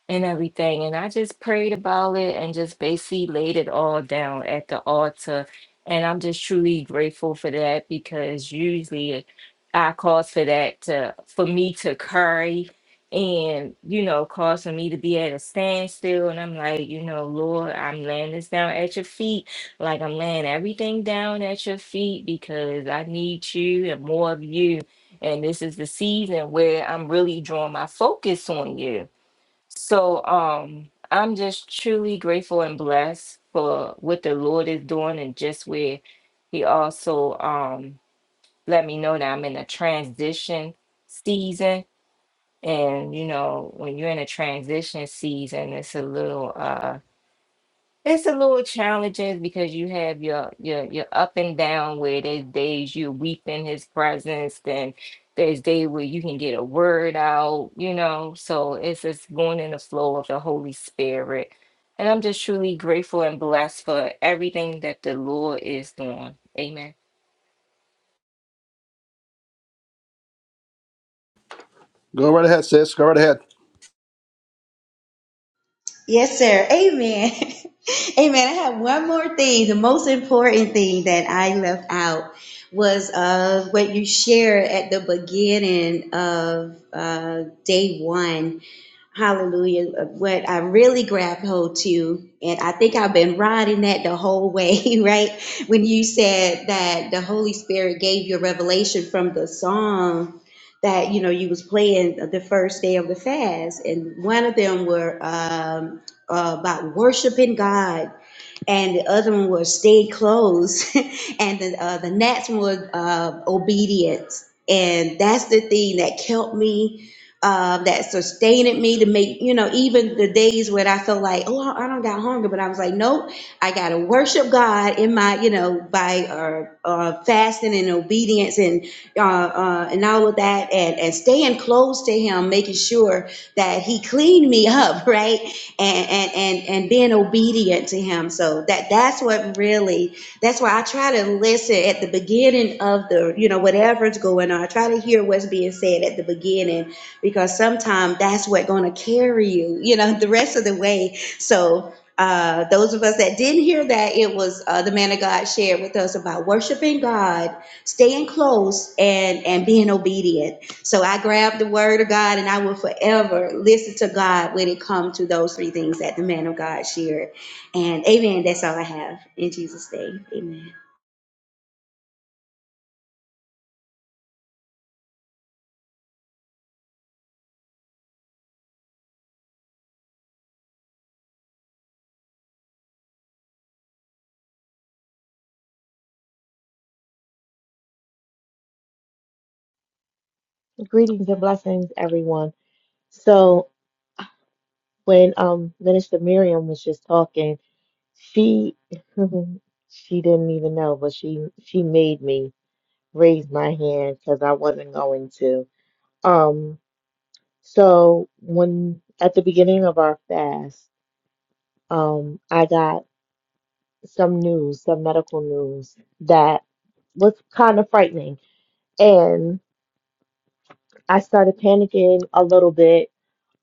[SPEAKER 5] and everything. And I just prayed about it and just basically laid it all down at the altar. And I'm just truly grateful for that because usually I cause for that to for me to curry and you know cause for me to be at a standstill and i'm like you know lord i'm laying this down at your feet like i'm laying everything down at your feet because i need you and more of you and this is the season where i'm really drawing my focus on you so um I'm just truly grateful and blessed for what the Lord is doing and just where he also um let me know that I'm in a transition season and you know when you're in a transition season it's a little uh. It's a little challenging because you have your your your up and down where there's days you weep in his presence, then there's days where you can get a word out, you know. So it's just going in the flow of the Holy Spirit. And I'm just truly grateful and blessed for everything that the Lord is doing. Amen.
[SPEAKER 1] Go right ahead, sis. Go right ahead.
[SPEAKER 3] Yes, sir. Amen. Amen. I have one more thing. The most important thing that I left out was uh, what you shared at the beginning of uh, day one Hallelujah. What I really grabbed hold to, and I think I've been riding that the whole way, right? When you said that the Holy Spirit gave you a revelation from the song that you know you was playing the first day of the fast, and one of them were um, uh, about worshiping God and the other one was stay closed, and the uh, the next one was uh, obedience, and that's the thing that kept me, uh, that sustained me to make you know even the days when I felt like oh I I don't got hunger, but I was like nope, I got to worship God in my you know by uh, uh, fasting and obedience and uh, uh, and all of that, and and staying close to Him, making sure that He cleaned me up, right? and and and and being obedient to him so that that's what really that's why i try to listen at the beginning of the you know whatever's going on i try to hear what's being said at the beginning because sometimes that's what's going to carry you you know the rest of the way so uh, those of us that didn't hear that, it was uh, the man of God shared with us about worshiping God, staying close, and and being obedient so I grab the word of God and I will forever listen to God when it comes to those three things that the man of God shared. And amen. That's all I have in Jesus' name. Amen.
[SPEAKER 6] Greetings and blessings, everyone. So when um Minister Miriam was just talking, she she didn't even know, but she she made me raise my hand because I wasn't going to. Um, so when at the beginning of our fast, um, I got some news, some medical news that was kind of frightening, and I started panicking a little bit.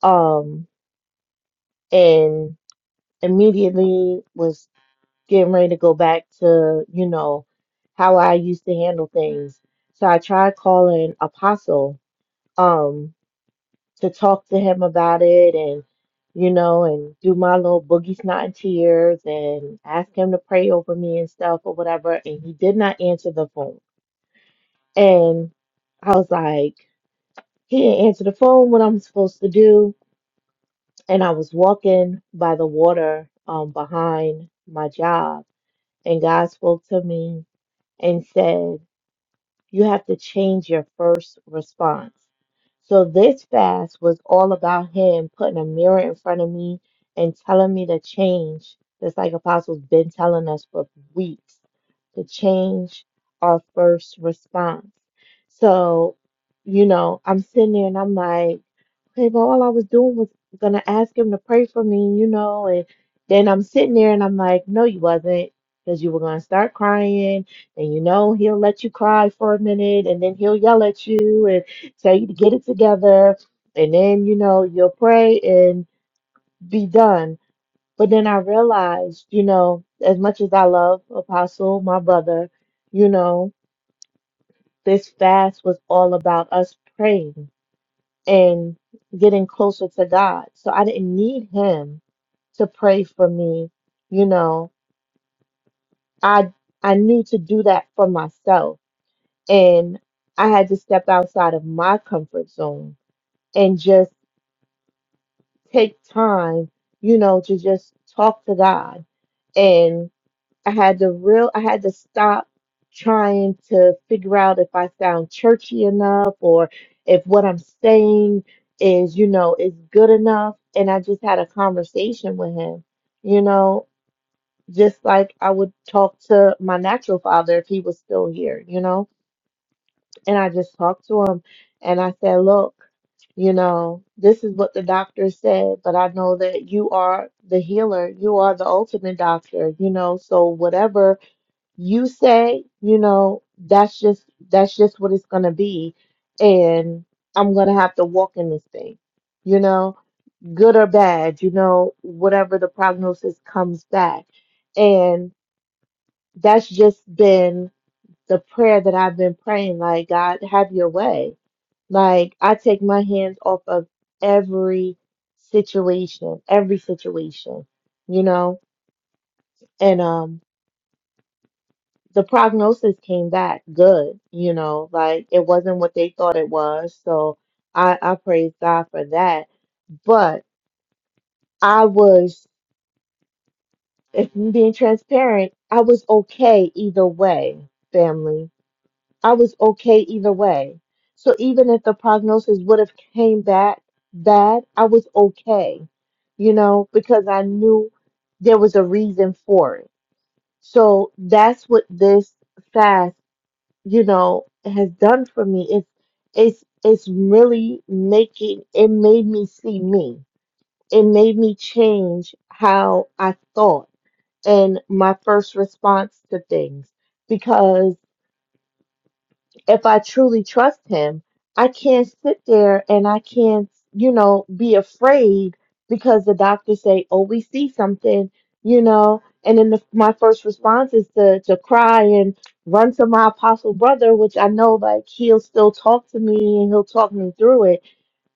[SPEAKER 6] Um, and immediately was getting ready to go back to, you know, how I used to handle things. So I tried calling Apostle um to talk to him about it and you know and do my little boogie snot and tears and ask him to pray over me and stuff or whatever and he did not answer the phone. And I was like, he didn't answer the phone, what I'm supposed to do. And I was walking by the water um behind my job And God spoke to me and said, You have to change your first response. So this fast was all about Him putting a mirror in front of me and telling me to change, just like Apostle's been telling us for weeks, to change our first response. So, you know, I'm sitting there and I'm like, Okay, but all I was doing was gonna ask him to pray for me, you know, and then I'm sitting there and I'm like, no, you wasn't, because you were gonna start crying, and you know he'll let you cry for a minute, and then he'll yell at you and tell you to get it together, and then you know you'll pray and be done. But then I realized, you know, as much as I love Apostle, my brother, you know, this fast was all about us praying and getting closer to God. So I didn't need him to pray for me. You know, I I knew to do that for myself and I had to step outside of my comfort zone and just take time, you know, to just talk to God. I had to real I had to stop trying to figure out if I sound churchy enough or if what I'm saying is, you know, is good enough. And I just had a conversation with him, you know, just like I would talk to my natural father if he was still here, you know. And I just talked to him and I said, look, you know, this is what the doctor said, but I know that you are the healer. You are the ultimate doctor, you know. So whatever you say, you know, that's just that's just what it's gonna be, and I'm gonna have to walk in this thing, you know, good or bad, you know, whatever the prognosis comes back, and that's just been the prayer that I've been praying, like God, have your way. Like I take my hands off of every situation, every situation, you know, and um. the prognosis came back good, you know, like it wasn't what they thought it was. So I, I praise God for that. But I was, if I'm being transparent, I was okay either way, family. I was okay either way. So even if the prognosis would have came back bad, I was okay, you know, because I knew there was a reason for it. So that's what this fast you know, has done for me. It's it's it's really making it made me see me. It made me change how I thought and my first response to things if I truly trust him, I can't sit there and I can't, you know, be afraid because the doctors say, "Oh, we see something," you know. And then the, my first response is to to cry and run to my apostle brother, which I know like he'll still talk to me and he'll talk me through it.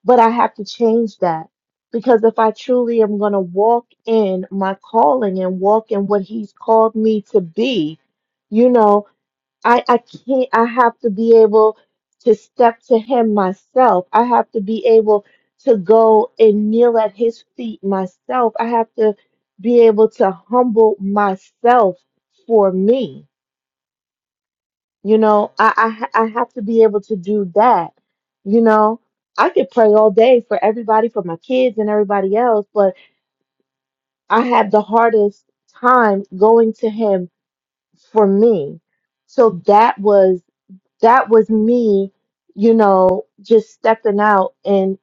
[SPEAKER 6] But I have to change that because if I truly am going to walk in my calling and walk in what he's called me to be, you know, I, I can't, I have to be able to step to him myself. I have to be able to go and kneel at his feet myself. I have to be able to humble myself for me. You know, I, I, ha- I have to be able to do that. You know, I could pray all day for everybody, for my kids and everybody else, but I had the hardest time going to him for me. So that was. that was me, you know, just stepping out and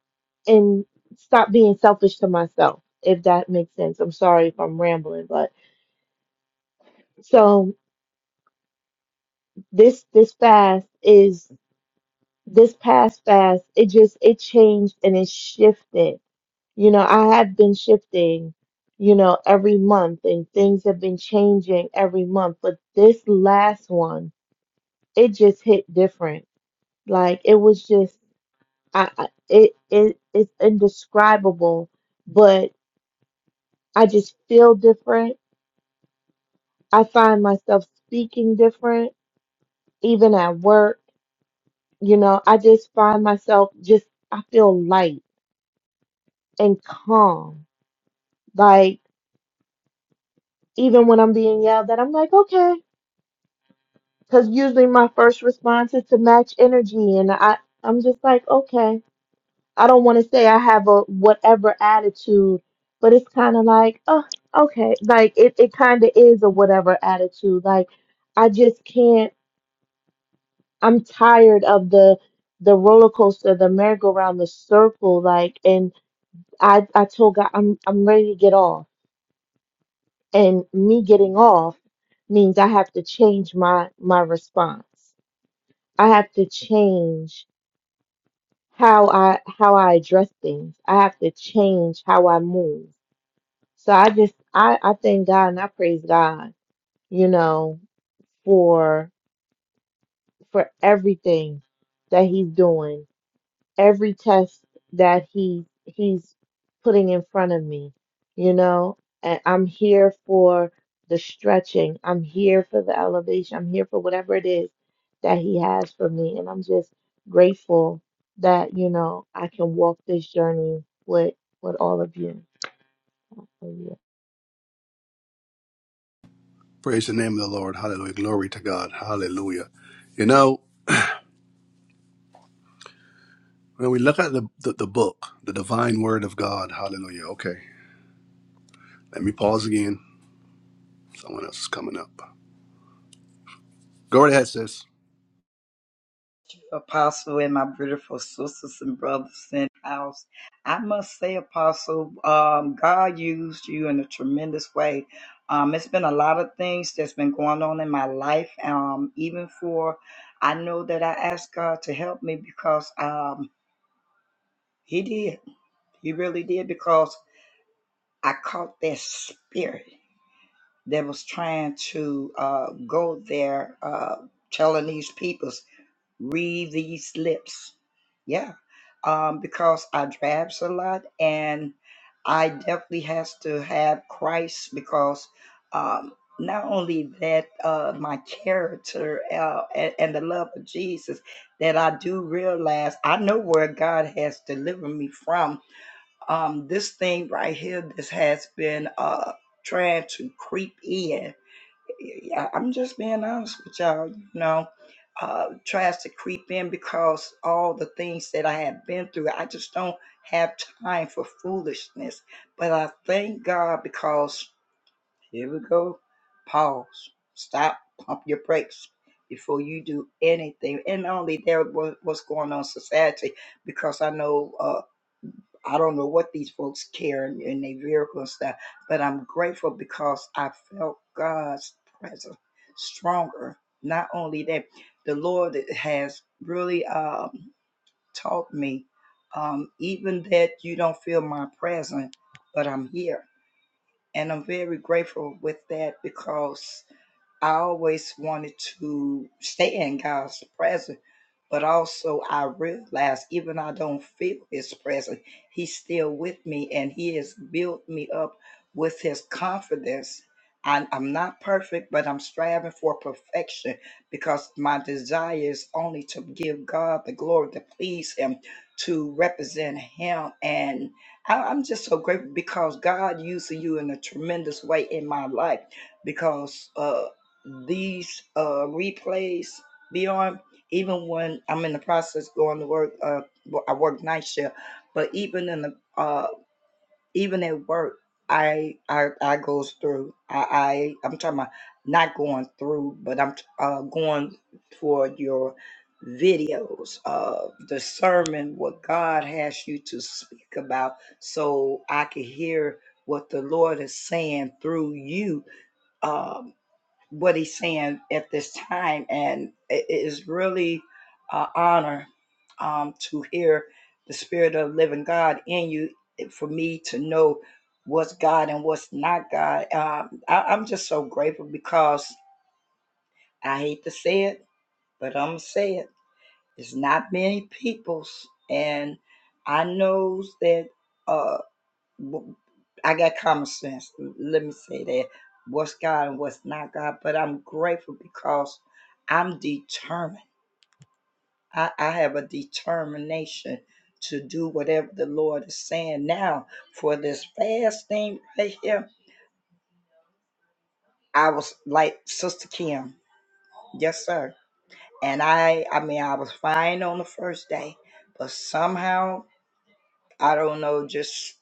[SPEAKER 6] and stop being selfish to myself, if that makes sense. I'm sorry if I'm rambling, but so this this fast is this past fast, it just it changed and it shifted. You know, I have been shifting, you know, every month and things have been changing every month, but this last one, it just hit different. Like it was just I, I it it it's indescribable, but I just feel different. I find myself speaking different, even at work. You know, I just find myself just I feel light and calm. Like even when I'm being yelled at, I'm like, okay, because usually my first response is to match energy, and I I'm just like, okay. I don't want to say I have a whatever attitude, but it's kind of like, oh, okay. Like it, it kind of is a whatever attitude. Like I just can't, I'm tired of the the roller coaster, the merry-go-round, the circle, like and I I told God I'm I'm ready to get off. And me getting off means I have to change my my response. I have to change how I how I address things. I have to change how I move. So I just I, I thank God and I praise God, you know, for for everything that he's doing, every test that he he's putting in front of me, you know, and I'm here for the stretching, I'm here for the elevation, I'm here for whatever it is that he has for me, and I'm just grateful that, you know, I can walk this journey with with all of you.
[SPEAKER 1] Praise the name of the Lord. Hallelujah. Glory to God. Hallelujah. You know, When we look at the, the, the book, the divine word of God, hallelujah. Okay, let me pause again. Someone else is coming up. Go right ahead, sis.
[SPEAKER 7] Apostle and my beautiful sisters and brothers in the house. I must say, Apostle, um, God used you in a tremendous way. Um, it's been a lot of things that's been going on in my life. Um, even for, I know that I asked God to help me because um, He did. He really did because I caught that spirit that was trying to uh, go there, uh, telling these people. read these lips. Yeah, um, because I drabs a lot, and I definitely has to have Christ because um, not only that uh, my character uh, and, and the love of Jesus that I do realize I know where God has delivered me from. Um, this thing right here, this has been uh, trying to creep in yeah, I'm just being honest with y'all. You know, uh, tries to creep in because all the things that I have been through, I just don't have time for foolishness. But I thank God because here we go. Pause. Stop. Pump your brakes before you do anything. And not only that, what, what's going on in society, because I know. uh, I don't know what these folks care in and they vehicle and stuff, but I'm grateful because I felt God's presence stronger. Not only that, the Lord has really um, taught me, um, even that you don't feel my presence, but I'm here and I'm very grateful with that because I always wanted to stay in God's presence, but also I realized even I don't feel His presence, He's still with me and He has built me up with His confidence. I, I'm not perfect, but I'm striving for perfection because my desire is only to give God the glory, to please Him, to represent Him. and. I- I'm just so grateful because God used you in a tremendous way in my life because uh, these uh, replays be on even when I'm in the process going to work. Uh, well, I work night shift, but even in the uh, even at work i i i goes through i, I i'm talking about not going through but i'm uh, going for your videos uh, discernment what god has you to speak about so i can hear what the lord is saying through you um what he's saying at this time, and it is really an honor um, to hear the Spirit of the Living God in you. For me to know what's God and what's not God, um, I, I'm just so grateful because I hate to say it, but I'm gonna say it. It's not many people's, and I knows that. uh w- I got common sense. Let me say that what's God and what's not God. But I'm grateful because I'm determined. I, I have a determination to do whatever the Lord is saying now for this fasting right here. I was like Sister Kim, yes, sir. And I, I mean, I was fine on the first day, but somehow I don't know, just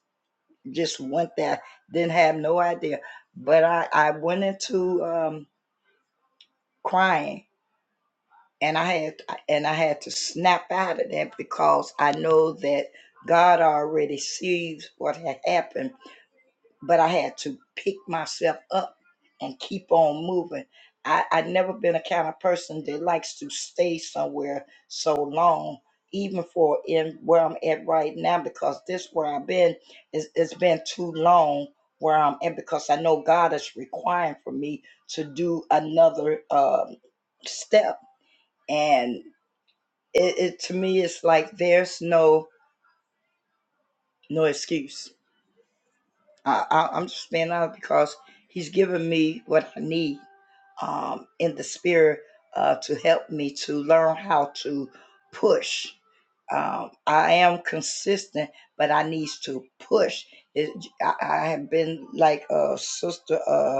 [SPEAKER 7] just went there. Didn't have no idea, but I, I went into um, crying and i had and i had to snap out of that because i know that god already sees what had happened but i had to pick myself up and keep on moving i i never been a kind of person that likes to stay somewhere so long even for in where i'm at right now because this where i've been is it's been too long where i'm at because i know god is requiring for me to do another um step and it, it to me it's like there's no no excuse I, I i'm just standing out because he's given me what i need um in the spirit uh to help me to learn how to push um, I am consistent, but I need to push. It, I, I have been like a sister. uh,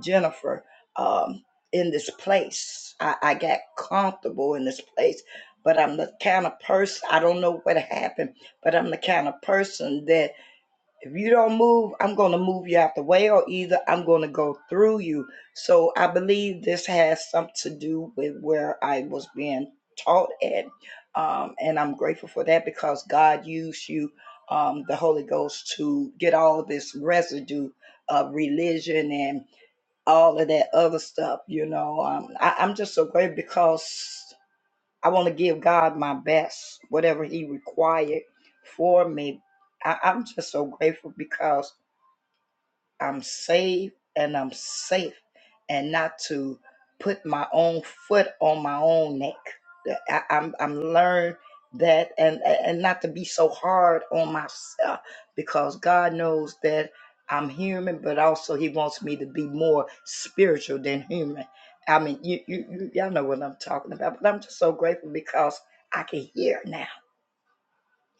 [SPEAKER 7] Jennifer, um, in this place. I, I got comfortable in this place, but I'm the kind of person, I don't know what happened, but I'm the kind of person that if you don't move, I'm going to move you out the way, or either I'm going to go through you. So I believe this has something to do with where I was being taught at. Um, and I'm grateful for that because God used you, um, the Holy Ghost, to get all this residue of religion and all of that other stuff, you know. Um, I, I'm just so grateful because I want to give God my best, whatever He required for me. I, I'm just so grateful because I'm saved and I'm safe, and not to put my own foot on my own neck. I, I'm I'm learned that, and and not to be so hard on myself, because God knows that I'm human, but also He wants me to be more spiritual than human. I mean, you you, you y'all know what I'm talking about, but I'm just so grateful because I can hear now.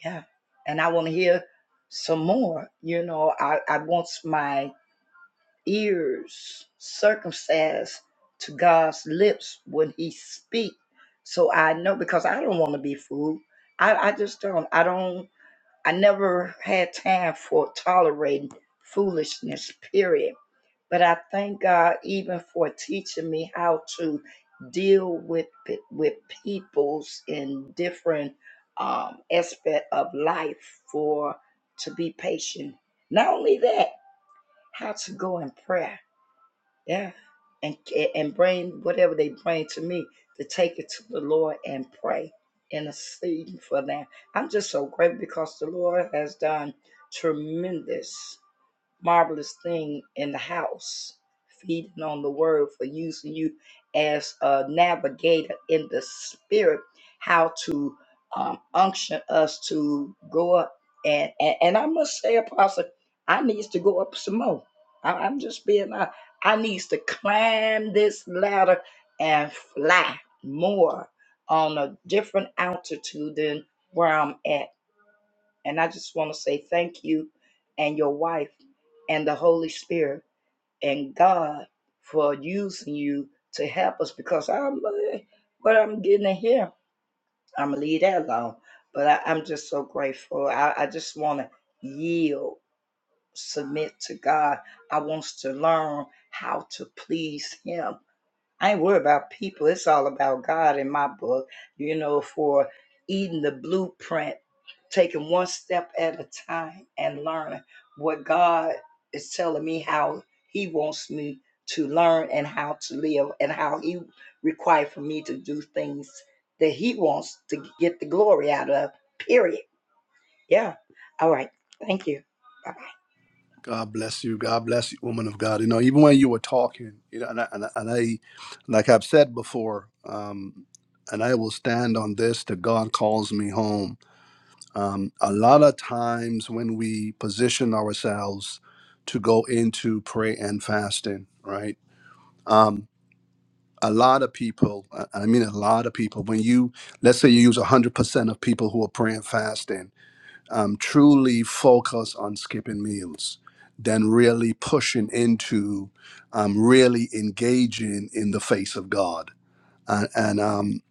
[SPEAKER 7] Yeah, and I want to hear some more. You know, I I want my ears circumcised to God's lips when He speak. So I know because I don't want to be fooled. I, I just don't. I don't. I never had time for tolerating foolishness. Period. But I thank God even for teaching me how to deal with pe- with peoples in different um, aspect of life for to be patient. Not only that, how to go in prayer yeah. And and bring whatever they bring to me to take it to the Lord and pray and intercede for them. I'm just so grateful because the Lord has done tremendous marvelous thing in the house, feeding on the word for using you as a navigator in the spirit, how to um, unction us to go up. And, and and I must say, Apostle, I needs to go up some more. I, I'm just being I, I needs to climb this ladder and fly more on a different altitude than where I'm at and I just want to say thank you and your wife and the Holy Spirit and God for using you to help us because I'm uh, what I'm getting in here. I'm gonna leave that alone. But I, I'm just so grateful. I, I just want to yield, submit to God. I want to learn how to please Him I ain't worried about people. It's all about God in my book, you know, for eating the blueprint, taking one step at a time and learning what God is telling me how He wants me to learn and how to live and how He required for me to do things that He wants to get the glory out of, period. Yeah. All right. Thank you. Bye
[SPEAKER 1] God bless you. God bless you, woman of God. You know, even when you were talking, you know, and I, and I, and I like I've said before, um, and I will stand on this that God calls me home. Um, a lot of times when we position ourselves to go into prayer and fasting, right? Um, a lot of people uh, i mean a lot of people when you let's say you use 100% of people who are praying fasting um, truly focus on skipping meals than really pushing into um, really engaging in the face of god and, and um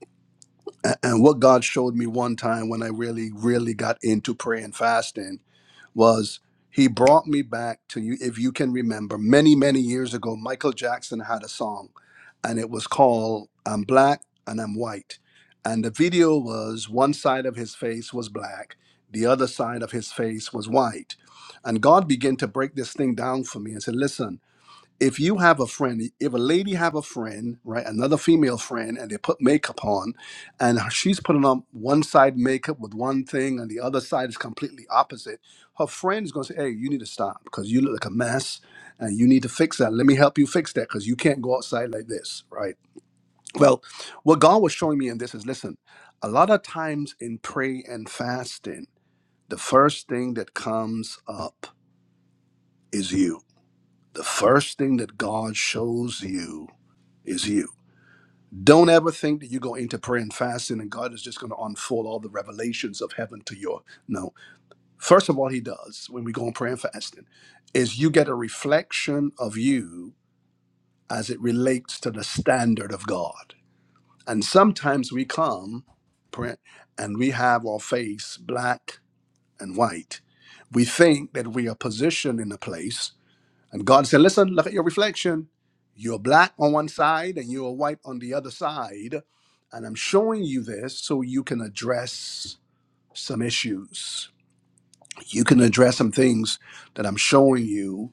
[SPEAKER 1] a- and what god showed me one time when i really really got into prayer and fasting was he brought me back to you if you can remember many many years ago michael jackson had a song and it was called i'm black and i'm white and the video was one side of his face was black the other side of his face was white and god began to break this thing down for me and said listen if you have a friend, if a lady have a friend, right, another female friend, and they put makeup on, and she's putting on one side makeup with one thing, and the other side is completely opposite, her friend is gonna say, "Hey, you need to stop because you look like a mess, and you need to fix that. Let me help you fix that because you can't go outside like this, right?" Well, what God was showing me in this is, listen, a lot of times in prayer and fasting, the first thing that comes up is you. The first thing that God shows you is you. Don't ever think that you're going into prayer and fasting and God is just going to unfold all the revelations of heaven to your no. First of all, He does when we go in prayer and fasting is you get a reflection of you as it relates to the standard of God. And sometimes we come pray, and we have our face black and white. We think that we are positioned in a place and God said, Listen, look at your reflection. You're black on one side and you're white on the other side. And I'm showing you this so you can address some issues. You can address some things that I'm showing you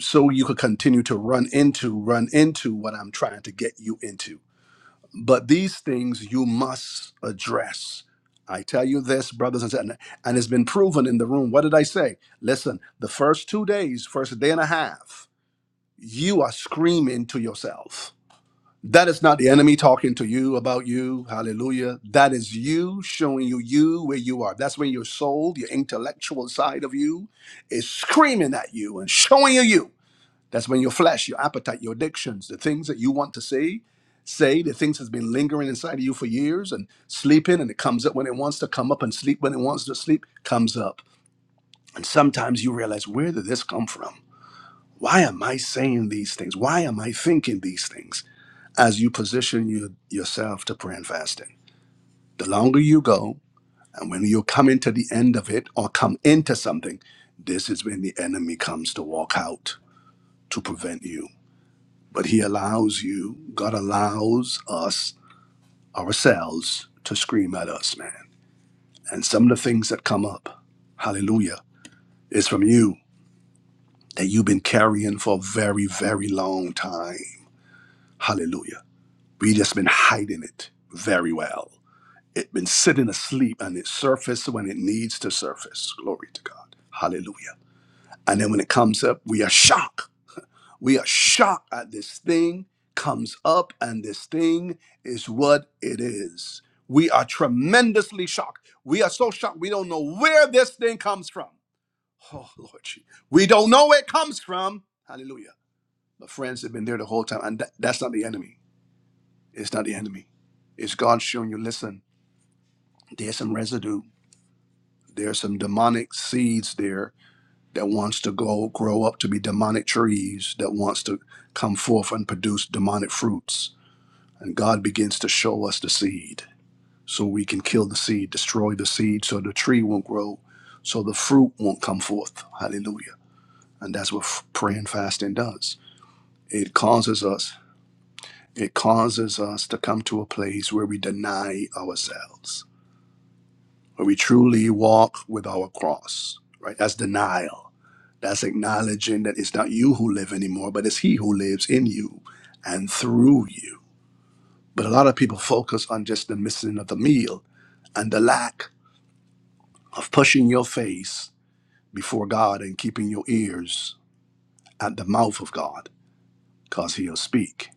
[SPEAKER 1] so you could continue to run into, run into what I'm trying to get you into. But these things you must address. I tell you this, brothers and sisters, and it's been proven in the room. What did I say? Listen, the first two days, first day and a half, you are screaming to yourself. That is not the enemy talking to you about you. Hallelujah. That is you showing you you where you are. That's when your soul, your intellectual side of you is screaming at you and showing you you. That's when your flesh, your appetite, your addictions, the things that you want to say, say, the things that's been lingering inside of you for years and sleeping and it comes up when it wants to come up and sleep when it wants to sleep comes up. And sometimes you realize, where did this come from? Why am I saying these things? Why am I thinking these things? As you position you, yourself to prayer and fasting, the longer you go, and when you come into the end of it or come into something, this is when the enemy comes to walk out to prevent you. But he allows you, God allows us, ourselves, to scream at us, man. And some of the things that come up, hallelujah, is from you that you've been carrying for a very, very long time. Hallelujah. We just been hiding it very well. It been sitting asleep and it surfaces when it needs to surface. Glory to God. Hallelujah. And then when it comes up, we are shocked. We are shocked at this thing comes up and this thing is what it is. We are tremendously shocked. We are so shocked. We don't know where this thing comes from. Oh Lord, Jesus. we don't know where it comes from. Hallelujah. My friends have been there the whole time, and that- that's not the enemy. It's not the enemy. It's God showing you. Listen. there's some residue there's some demonic seeds there that wants to go grow up to be demonic trees that wants to come forth and produce demonic fruits and god begins to show us the seed so we can kill the seed destroy the seed so the tree won't grow so the fruit won't come forth hallelujah and that's what f- prayer and fasting does it causes us it causes us to come to a place where we deny ourselves when we truly walk with our cross, right? That's denial. That's acknowledging that it's not you who live anymore, but it's He who lives in you and through you. But a lot of people focus on just the missing of the meal and the lack of pushing your face before God and keeping your ears at the mouth of God because He'll speak.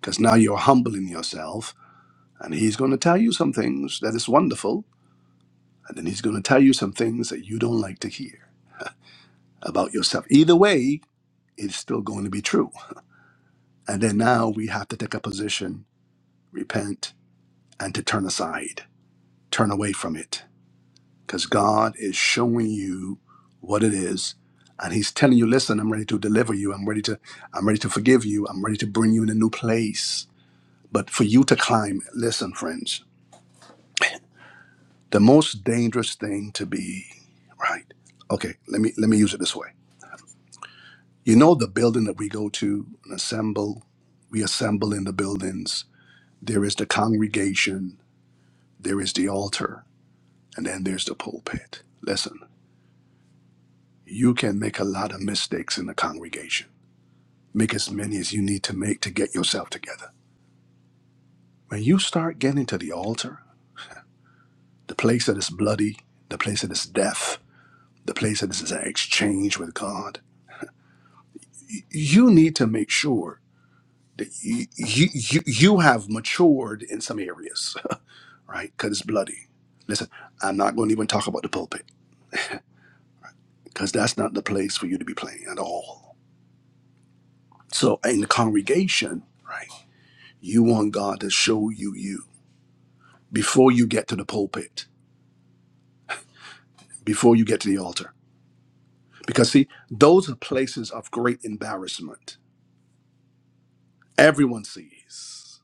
[SPEAKER 1] Because now you're humbling yourself and He's going to tell you some things that is wonderful, and then He's going to tell you some things that you don't like to hear about yourself. Either way, is still going to be true. And then now we have to take a position, repent, and to turn aside, turn away from it. Because God is showing you what it is. And He's telling you, listen, I'm ready to deliver you. I'm ready to, I'm ready to forgive you. I'm ready to bring you in a new place. But for you to climb, listen, friends, the most dangerous thing to be, right? Okay, let me let me use it this way. You know the building that we go to and assemble, we assemble in the buildings There is the congregation, there is the altar, and then there's the pulpit. Listen, you can make a lot of mistakes in the congregation. Make as many as you need to make to get yourself together. When you start getting to the altar, the place that is bloody, the place that is death, the place that is an exchange with God, you need to make sure that you, you, you, you have matured in some areas, right? Because it's bloody. Listen, I'm not going to even talk about the pulpit because that's not the place for you to be playing at all. So in the congregation, right, you want God to show you you before you get to the pulpit, before you get to the altar. Because see, those are places of great embarrassment. Everyone sees.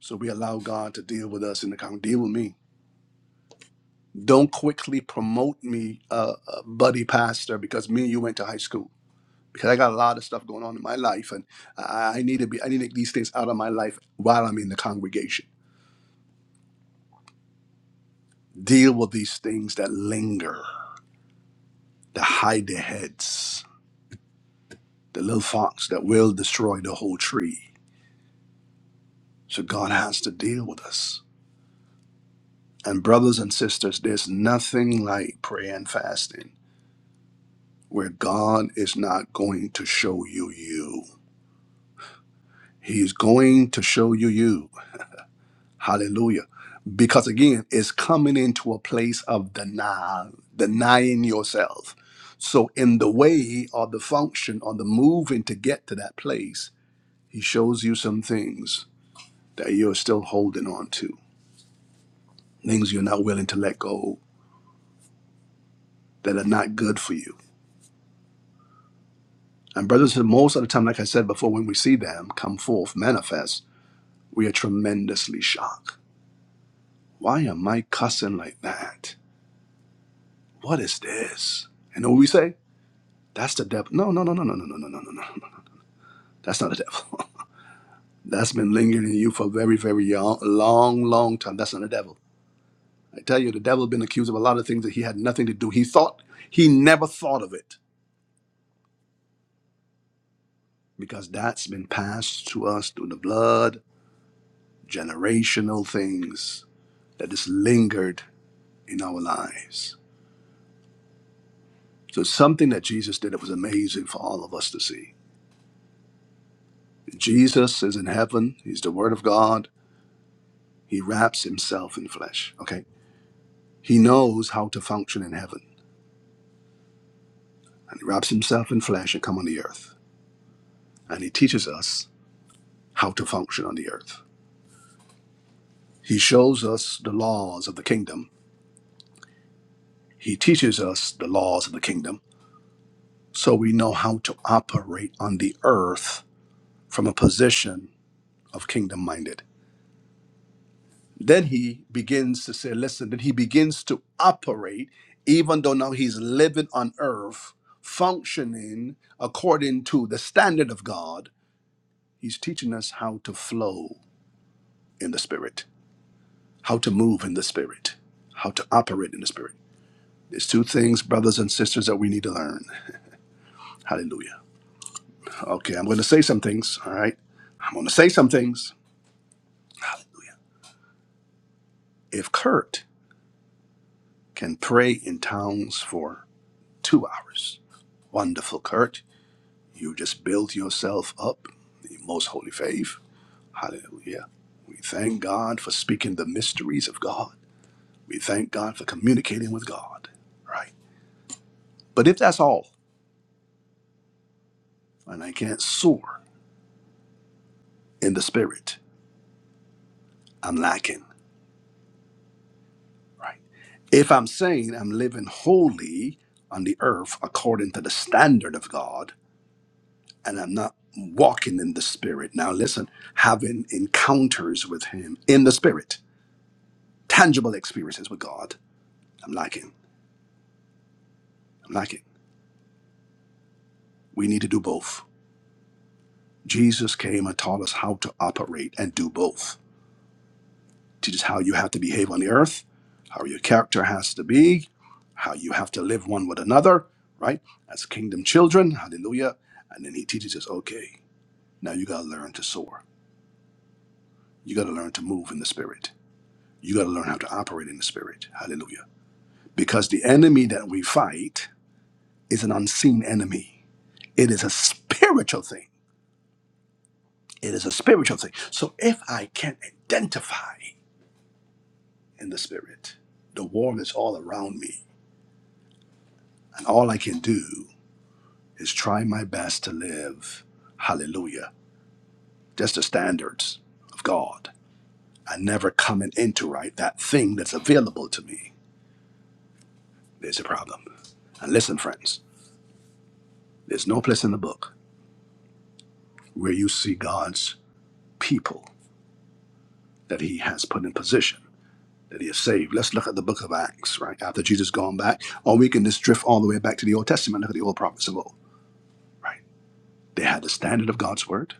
[SPEAKER 1] So we allow God to deal with us in the congregation. Deal with me. Don't quickly promote me, uh, uh, buddy pastor, because me and you went to high school. Because I got a lot of stuff going on in my life, and I, I need to be. I need to get these things out of my life while I'm in the congregation Deal with these things that linger, that hide their heads, the little fox that will destroy the whole tree. So God has to deal with us. And brothers and sisters, there's nothing like prayer and fasting where God is not going to show you you. He's going to show you you. Hallelujah. Because again, it's coming into a place of denial, denying yourself. So, in the way or the function or the moving to get to that place, He shows you some things that you're still holding on to, things you're not willing to let go that are not good for you. And brothers, most of the time, like I said before, when we see them come forth, manifest, we are tremendously shocked. Why am I cussing like that? What is this? And what we say? That's the devil. No, no, no, no, no, no, no, no, no, no, no. no. That's not the devil. That's been lingering in you for a very, very yo- long, long time. That's not the devil. I tell you, the devil been accused of a lot of things that he had nothing to do. He thought he never thought of it because that's been passed to us through the blood, generational things that is lingered in our lives. So it's something that Jesus did that was amazing for all of us to see. Jesus is in heaven, he's the word of God, he wraps himself in flesh. Okay? He knows how to function in heaven. And he wraps himself in flesh and come on the earth. And he teaches us how to function on the earth. He shows us the laws of the kingdom. He teaches us the laws of the kingdom so we know how to operate on the earth from a position of kingdom minded. Then he begins to say, listen, then he begins to operate, even though now he's living on earth, functioning according to the standard of God. He's teaching us how to flow in the spirit, how to move in the spirit, how to operate in the spirit. There's two things, brothers and sisters, that we need to learn. Hallelujah. Okay, I'm going to say some things, all right? I'm going to say some things. Hallelujah. If Kurt can pray in tongues for two hours, wonderful, Kurt. You just build yourself up in most holy faith. Hallelujah. We thank God for speaking the mysteries of God. We thank God for communicating with God, right? But if that's all, and I can't soar in the spirit, I'm lacking, right? If I'm saying I'm living holy on the earth according to the standard of God, and I'm not walking in the spirit. Now, listen, having encounters with Him in the spirit, tangible experiences with God. I'm lacking. I'm lacking. We need to do both. Jesus came and taught us how to operate and do both. Teaches how you have to behave on the earth, how your character has to be, how you have to live one with another, right? As kingdom children, hallelujah. And then he teaches us, okay, now you got to learn to soar. You got to learn to move in the spirit. You got to learn how to operate in the spirit, hallelujah because the enemy that we fight is an unseen enemy. It is a spiritual thing. It is a spiritual thing. So if I can identify in the spirit, the war is all around me, and all I can do is try my best to live hallelujah, just the standards of God, and never coming into right that thing that's available to me. There's a problem. And listen, friends, there's no place in the book where you see God's people that he has put in position, that he has saved. Let's look at the book of Acts, right? After Jesus gone back, or we can just drift all the way back to the Old Testament, look at the old prophets of old, right? They had the standard of God's word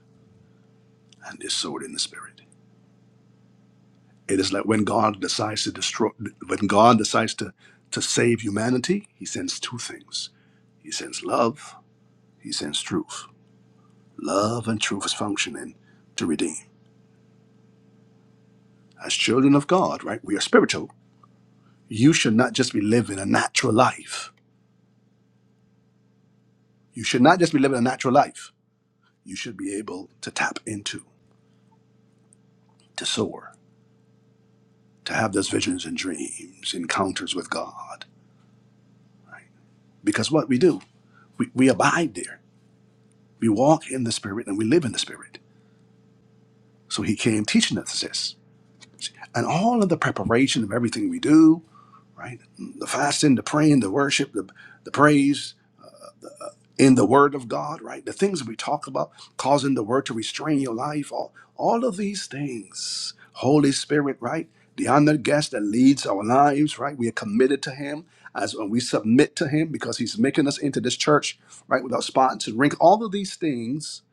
[SPEAKER 1] and his sword in the spirit. It is like when God decides to destroy, when God decides to, to save humanity, he sends two things. He sends love, he sends truth. Love and truth is functioning to redeem. As children of God, right? We are spiritual. You should not just be living a natural life. You should not just be living a natural life you should be able to tap into, to soar, to have those visions and dreams, encounters with God. Because what we do, we, we abide there. We walk in the Spirit and we live in the Spirit. So he came teaching us this. And all of the preparation of everything we do, right? The fasting, the praying, the worship, the, the praise, in the word of God, right? The things we talk about, causing the word to restrain your life, all, all of these things. Holy Spirit, right? The honored guest that leads our lives, right? We are committed to him as when we submit to him because he's making us into this church, right? Without spots and wrinkles. All of these things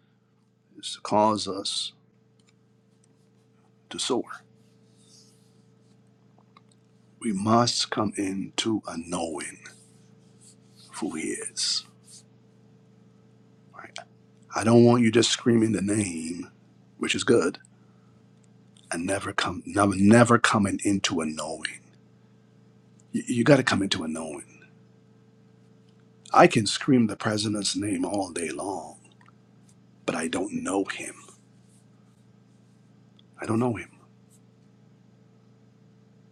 [SPEAKER 1] is to cause us to soar. We must come into a knowing of who he is. Right? I don't want you just screaming the name, which is good and never come never, never coming into a knowing. You, you got to come into a knowing. I can scream the president's name all day long, but I don't know him. I don't know him.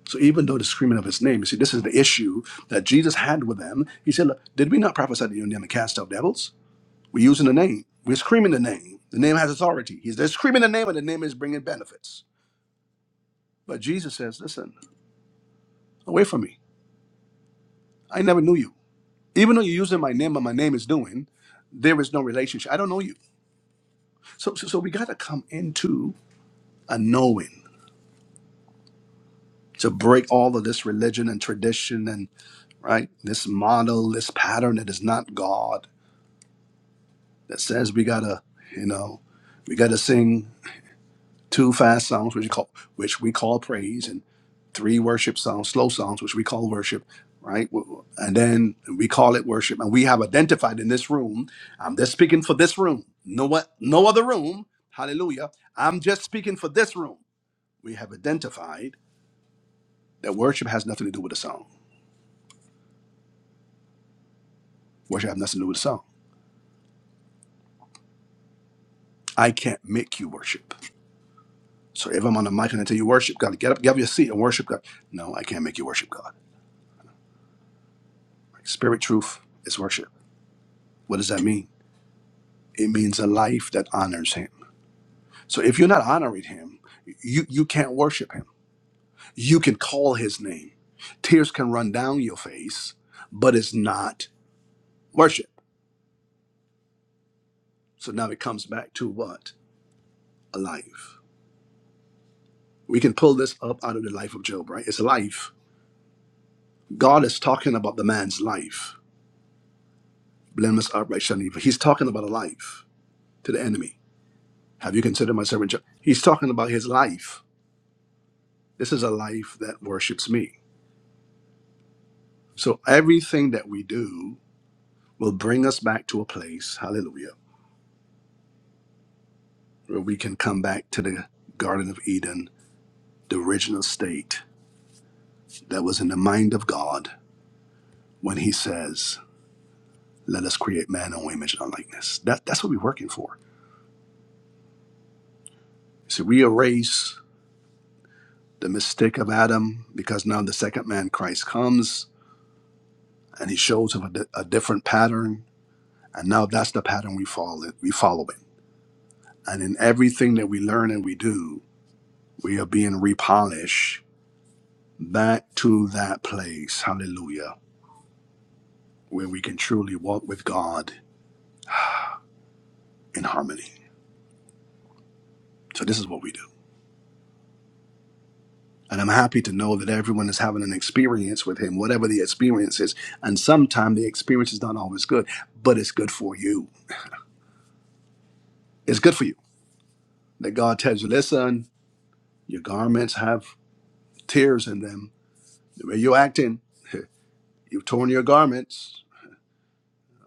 [SPEAKER 1] So even though the screaming of his name, you see, this is the issue that Jesus had with them. He said, Look, did we not prophesy to you in the name and cast out devils? We're using the name. We're screaming the name. The name has authority. He's they're screaming the name, and the name is bringing benefits. But Jesus says, Listen, away from me. I never knew you. Even though you're using my name and my name is doing, there is no relationship. I don't know you. So, so, so we got to come into a knowing to break all of this religion and tradition and right this model, this pattern that is not God that says we gotta, you know, we gotta sing two fast songs which we call which we call praise and three worship songs, slow songs which we call worship, right? W- And then we call it worship, and we have identified in this room. I'm just speaking for this room. No what? No other room. Hallelujah. I'm just speaking for this room. We have identified. That worship has nothing to do with the song. Worship has nothing to do with the song. I can't make you worship. So if I'm on the mic and I tell you worship God, get up, get up your seat and worship God. No, I can't make you worship God. Spirit truth is worship. What does that mean? It means a life that honors him. So if you're not honoring him, you, you can't worship him. You can call his name. Tears can run down your face, but it's not worship. So now it comes back to what? A life. We can pull this up out of the life of Job, right? It's a life God is talking about the man's life, blameless, upright, shining. he's talking about a life to the enemy. Have you considered my servant? Job? He's talking about his life. This is a life that worships me. So everything that we do will bring us back to a place, hallelujah, where we can come back to the Garden of Eden, the original state that was in the mind of God when he says, let us create man in our image and our likeness. That, that's what we're working for. So we erase the mistake of Adam, because now the second man, Christ, comes and he shows him a, di- a different pattern. And now that's the pattern we follow, we follow it. And in everything that we learn and we do, we are being repolished back to that place, hallelujah, where we can truly walk with God in harmony. So this is what we do. And I'm happy to know that everyone is having an experience with him, whatever the experience is. And sometimes the experience is not always good, but it's good for you. It's good for you That God tells you, listen, your garments have tears in them. The way you're acting, you've torn your garments.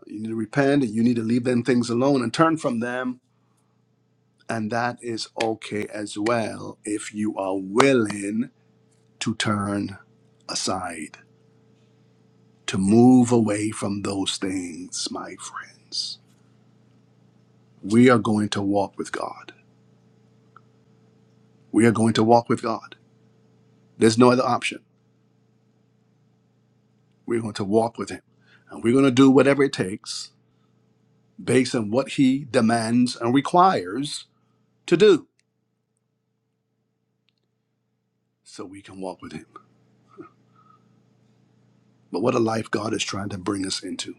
[SPEAKER 1] You need to repent and you need to leave them things alone and turn from them. And that is okay as well if you are willing to turn aside, to move away from those things, my friends. We are going to walk with God. We are going to walk with God. There's no other option. We're going to walk with Him. And we're going to do whatever it takes based on what he demands and requires to do so we can walk with him. But what a life God is trying to bring us into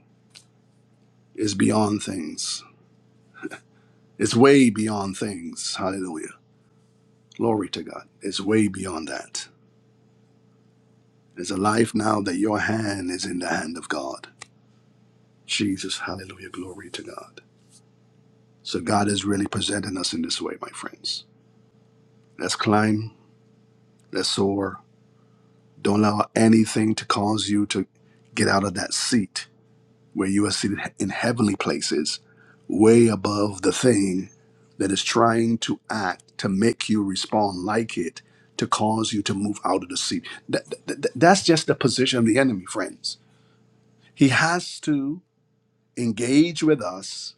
[SPEAKER 1] is beyond things. It's way beyond things. Hallelujah. Glory to God. It's way beyond that. It's a life now that your hand is in the hand of God. Jesus, hallelujah, glory to God. So God is really presenting us in this way, my friends. Let's climb, let's soar. Don't allow anything to cause you to get out of that seat where you are seated in heavenly places, way above the thing that is trying to act to make you respond like it, to cause you to move out of the seat. That, that- that- that's just the position of the enemy, friends. He has to engage with us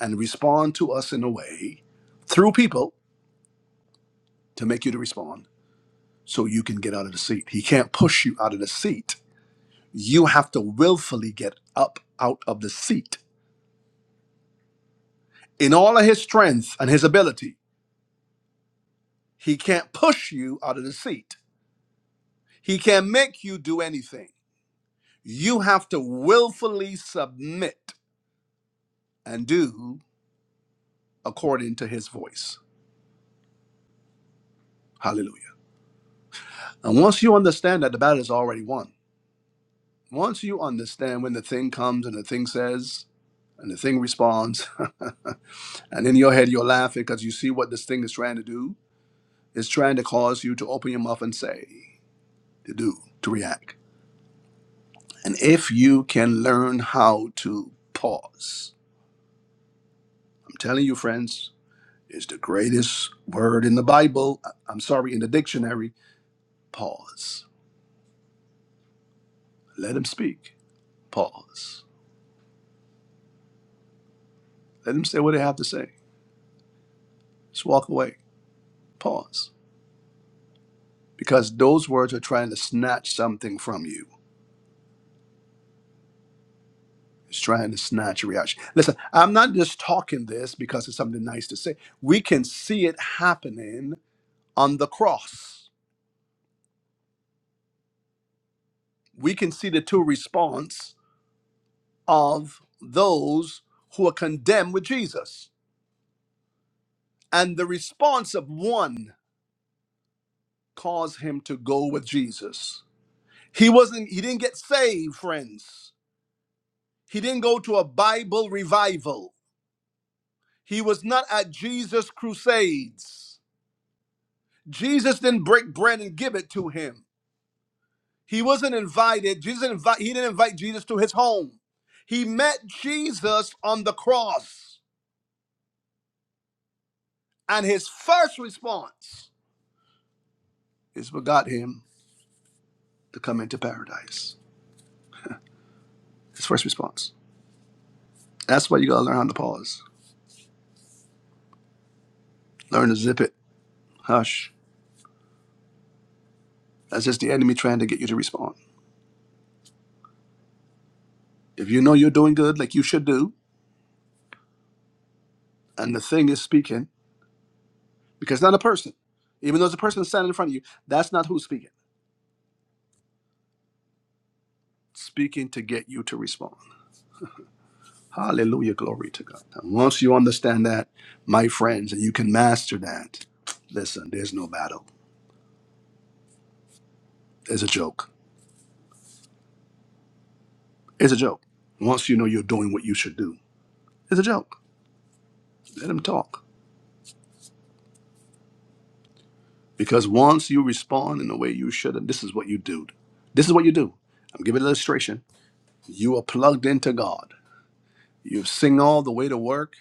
[SPEAKER 1] and respond to us in a way through people to make you to respond so you can get out of the seat. He can't push you out of the seat. You have to willfully get up out of the seat in all of his strength and his ability He can't push you out of the seat. He can't make you do anything. You have to willfully submit and do according to his voice. Hallelujah. And once you understand that the battle is already won, once you understand when the thing comes and the thing says and the thing responds, and in your head you're laughing because you see what this thing is trying to do, it's trying to cause you to open your mouth and say, to do, to react. And if you can learn how to pause, I'm telling you, friends, is the greatest word in the Bible. I- am sorry, in the dictionary. Pause. Let them speak. Pause. Let them say what they have to say. Just walk away. Pause. Because those words are trying to snatch something from you. It's trying to snatch a reaction. Listen, I'm not just talking this because it's something nice to say. We can see it happening on the cross. We can see the two response of those who are condemned with Jesus and the response of one caused him to go with Jesus. He wasn't he didn't get saved, friends. He didn't go to a Bible revival. He was not at Jesus crusades. Jesus didn't break bread and give it to him. He wasn't invited. Jesus didn't invite, he didn't invite Jesus to his home. He met Jesus on the cross, and his first response is what got him to come into paradise. His first response. That's why you gotta learn how to pause. Learn to zip it. Hush. That's just the enemy trying to get you to respond. If you know you're doing good, like you should do, and the thing is speaking, because it's not a person, even though it's a person standing in front of you, that's not who's speaking. Speaking to get you to respond. Hallelujah. Glory to God. And once you understand that, my friends, and you can master that, listen, there's no battle. There's a joke. It's a joke. Once you know you're doing what you should do, it's a joke. Let him talk. Because once you respond in the way you should have, this is what you do. This is what you do. I'm giving an illustration. You are plugged into God. You sing all the way to work.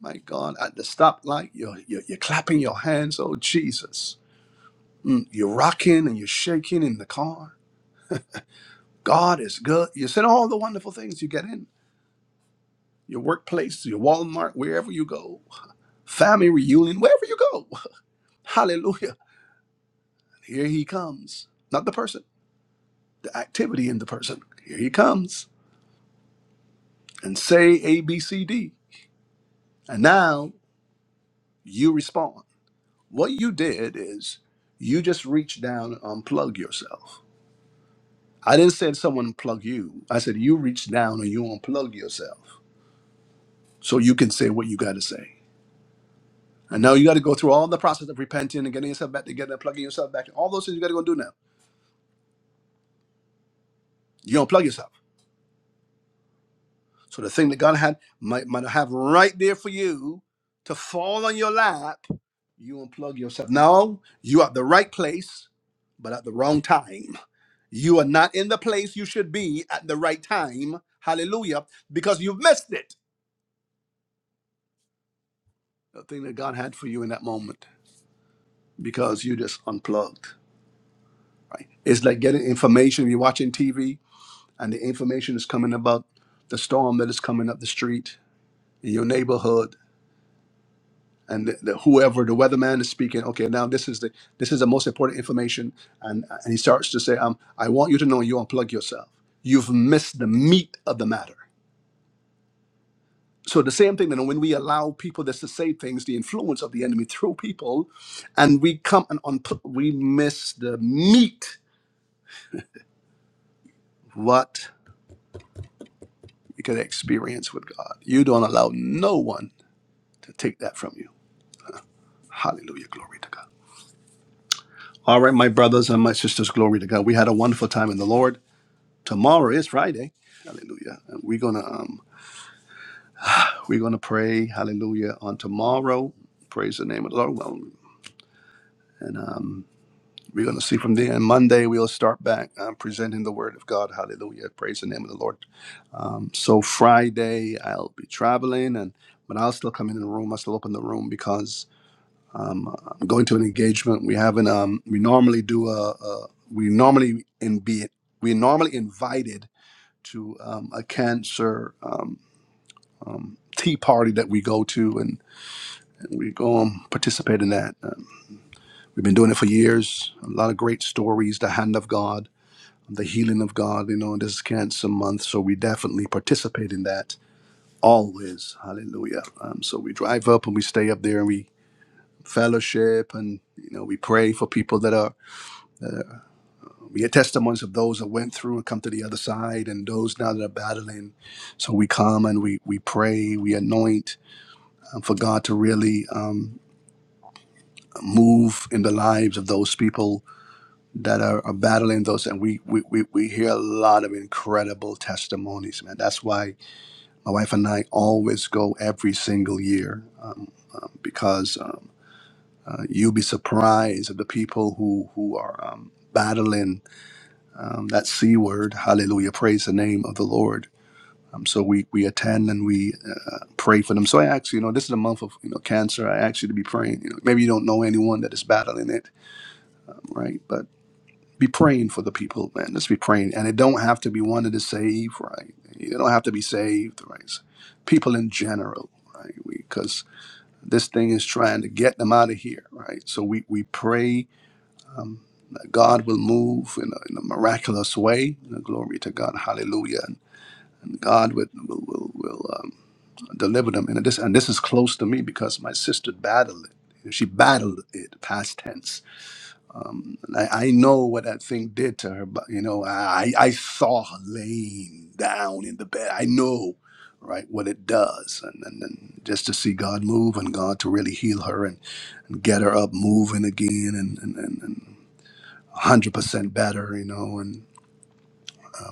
[SPEAKER 1] My God, at the stoplight, you're, you're, you're clapping your hands. Oh, Jesus. Mm, You're rocking and you're shaking in the car. God is good. You said all the wonderful things you get in your workplace, your Walmart, wherever you go, family reunion, wherever you go. Hallelujah. Here he comes. Not the person, the activity in the person. Here he comes and say A, B, C, D. And now you respond. What you did is you just reached down and unplug yourself. I didn't say someone unplug you. I said you reach down and you unplug yourself so you can say what you got to say. And now you got to go through all the process of repenting and getting yourself back together, plugging yourself back. in. All those things you got to go do now. You unplug yourself. So the thing that God had might might have right there for you to fall on your lap, you unplug yourself. Now you are at the right place, but at the wrong time. You are not in the place you should be at the right time. Hallelujah. Because you've missed it. The thing that God had for you in that moment. Because you just unplugged. Right? It's like getting information. You're watching TV and the information is coming about the storm that is coming up the street in your neighborhood and the, the, whoever the weatherman is speaking okay now this is the this is the most important information and and he starts to say um i want you to know you unplug yourself you've missed the meat of the matter so the same thing that when we allow people just to say things the influence of the enemy through people and we come and unpl- we miss the meat what we can experience with god you don't allow no one to take that from you hallelujah glory to god all right my brothers and my sisters glory to god we had a wonderful time in the lord tomorrow is Friday. Hallelujah. And we're gonna um we're gonna pray, hallelujah, on tomorrow. Praise the name of the Lord. Well, and um we're gonna see from there. And Monday we'll start back um, presenting the word of God. Hallelujah. Praise the name of the Lord. Um so Friday I'll be traveling and but I'll still come in the room. I still open the room because um, I'm going to an engagement. We haven't. Um, we normally do a. a we normally in be. We normally invited to um, a cancer. Um, tea party that we go to and, and we go and participate in that. Um, we've been doing it for years. A lot of great stories, the hand of God, the healing of God, you know, and this is cancer month, so we definitely participate in that always. Hallelujah. Um, so we drive up and we stay up there and we fellowship and you know we pray for people that are we get testimonies of those that went through and come to the other side and those now that are battling so we come and we we pray we anoint um, for god to really um, move in the lives of those people that are, are battling those and we, we we we hear a lot of incredible testimonies man that's why my wife and i always go every single year um, um, because um, uh, you'll be surprised at the people who who are um, battling um, that c word hallelujah praise the name of the lord um, so we, we attend and we uh, pray for them. So I ask you, you know, this is a month of you know cancer. I ask you to be praying. You know, maybe you don't know anyone that is battling it, right? But be praying for the people, man. Let's be praying. And it don't have to be one that is saved, right? It don't have to be saved, right? People in general, right? Because this thing is trying to get them out of here, right? So we, we pray um, that God will move in a, in a miraculous way. You know, Glory to God. Hallelujah. And God will, will, will, will um, deliver them. And this, and this is close to me because my sister battled it. She battled it, past tense um, I, I know what that thing did to her, but you know, I, I saw her laying down in the bed. I know, right, what it does. And, and, and just to see God move and God to really heal her and, and get her up moving again and, and, and, and 100% better, you know. And um,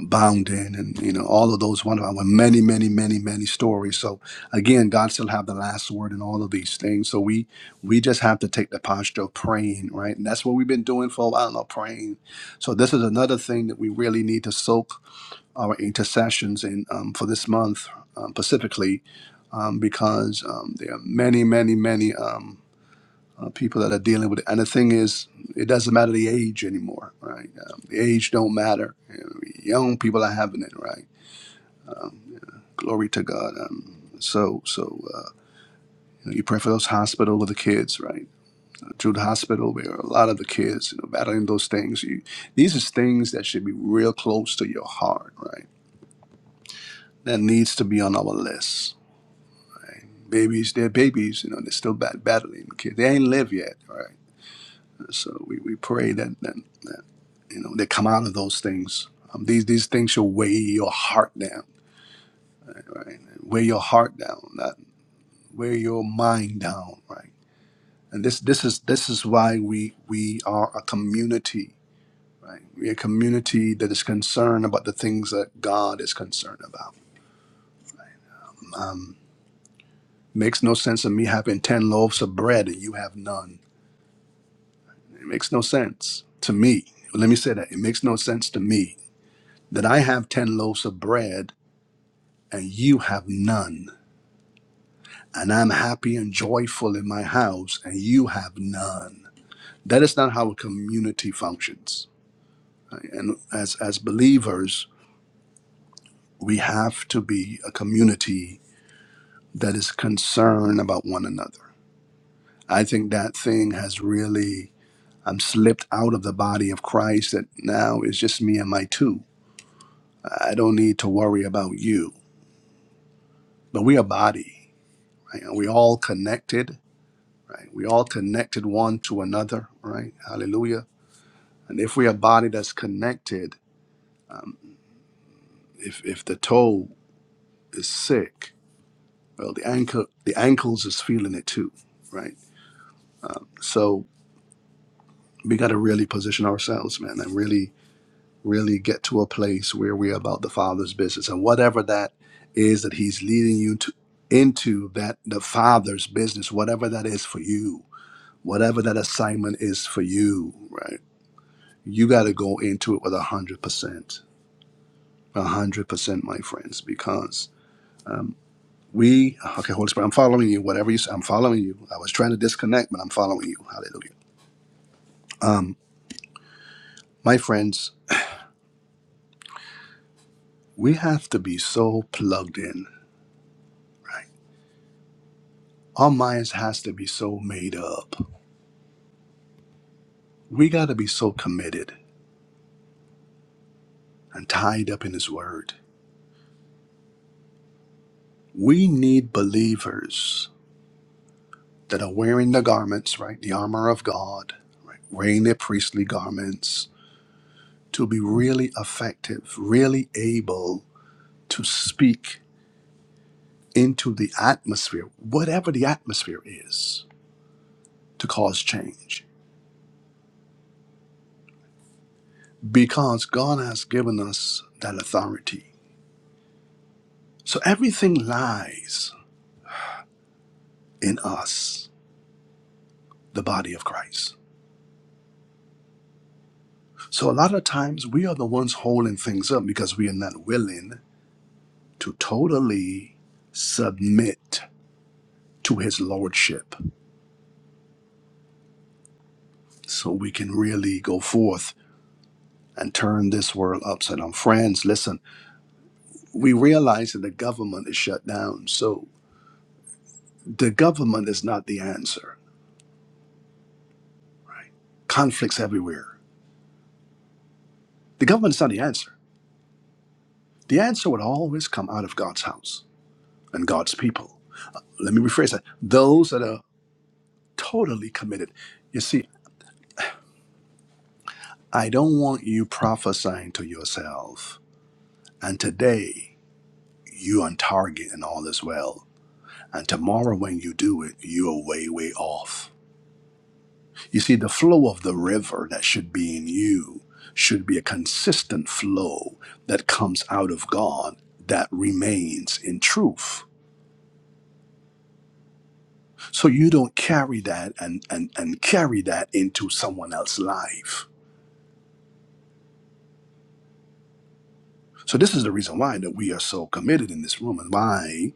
[SPEAKER 1] bound in and you know all of those wonderful many many many many stories so again god still have the last word in all of these things so we we just have to take the posture of praying right and that's what we've been doing for a while now praying so this is another thing that we really need to soak our intercessions in um, for this month um, specifically um, because um, there are many many many um, uh, people that are dealing with it. And the thing is, it doesn't matter the age anymore, right? Um, the age don't matter. You know, young people are having it, right? Glory to God. Um, so, so uh, you, know, you pray for those hospital with the kids, right? Uh, through the hospital, where a lot of the kids, you know, battling those things. You, these are things that should be real close to your heart, right? That needs to be on our list. right? Babies, they're babies, you know, they're still bat- battling. Kids, they ain't live yet, right? So we, we pray that, that that you know they come out of those things. Um, these these things should weigh your heart down, right? Weigh your heart down, not weigh your mind down, right? And this this is this is why we we are a community, right? We're a community that is concerned about the things that God is concerned about. Um, makes no sense of me having ten loaves of bread and you have none. It makes no sense to me. Let me say that it makes no sense to me that I have ten loaves of bread and you have none. And I'm happy and joyful in my house, and you have none. That is not how a community functions. And as, as believers, we have to be a community that is concerned about one another. I think that thing has really I'm slipped out of the body of Christ that now it's just me and my two. I don't need to worry about you. But we are body, right? And we all connected right? We all connected one to another, right? Hallelujah. And if we are a body that's connected, if if the toe is sick, well, the ankle the ankles is feeling it too, right? So we got to really position ourselves, man, and really really get to a place where we're about the Father's business and whatever that is that He's leading you to into that the Father's business, whatever that is for you, whatever that assignment is for you, right? You got to go into it with a hundred percent A hundred percent, my friends, because we okay, Holy Spirit, I'm following you. Whatever you say, I'm following you. I was trying to disconnect, but I'm following you. Hallelujah. Um, my friends, we have to be so plugged in, right? Our minds has to be so made up. We gotta be so committed and tied up in his word. We need believers that are wearing the garments, right? The armor of God, right? Wearing their priestly garments to be really effective, really able to speak into the atmosphere, whatever the atmosphere is, to cause change because God has given us that authority. So everything lies in us, the body of Christ. So a lot of times we are the ones holding things up because we are not willing to totally submit to his lordship so we can really go forth and turn this world upside down. Friends, listen, we realize that the government is shut down. So the government is not the answer. Conflicts everywhere. The government is not the answer. The answer would always come out of God's house and God's people. Let me rephrase that. Those that are totally committed. You see, I don't want you prophesying to yourself. And today, you on target and all is well. And tomorrow, when you do it, you are way, way off You see, the flow of the river that should be in you should be a consistent flow that comes out of God that remains in truth. So you don't carry that and, and, and carry that into someone else's life. So this is the reason why that we are so committed in this room and why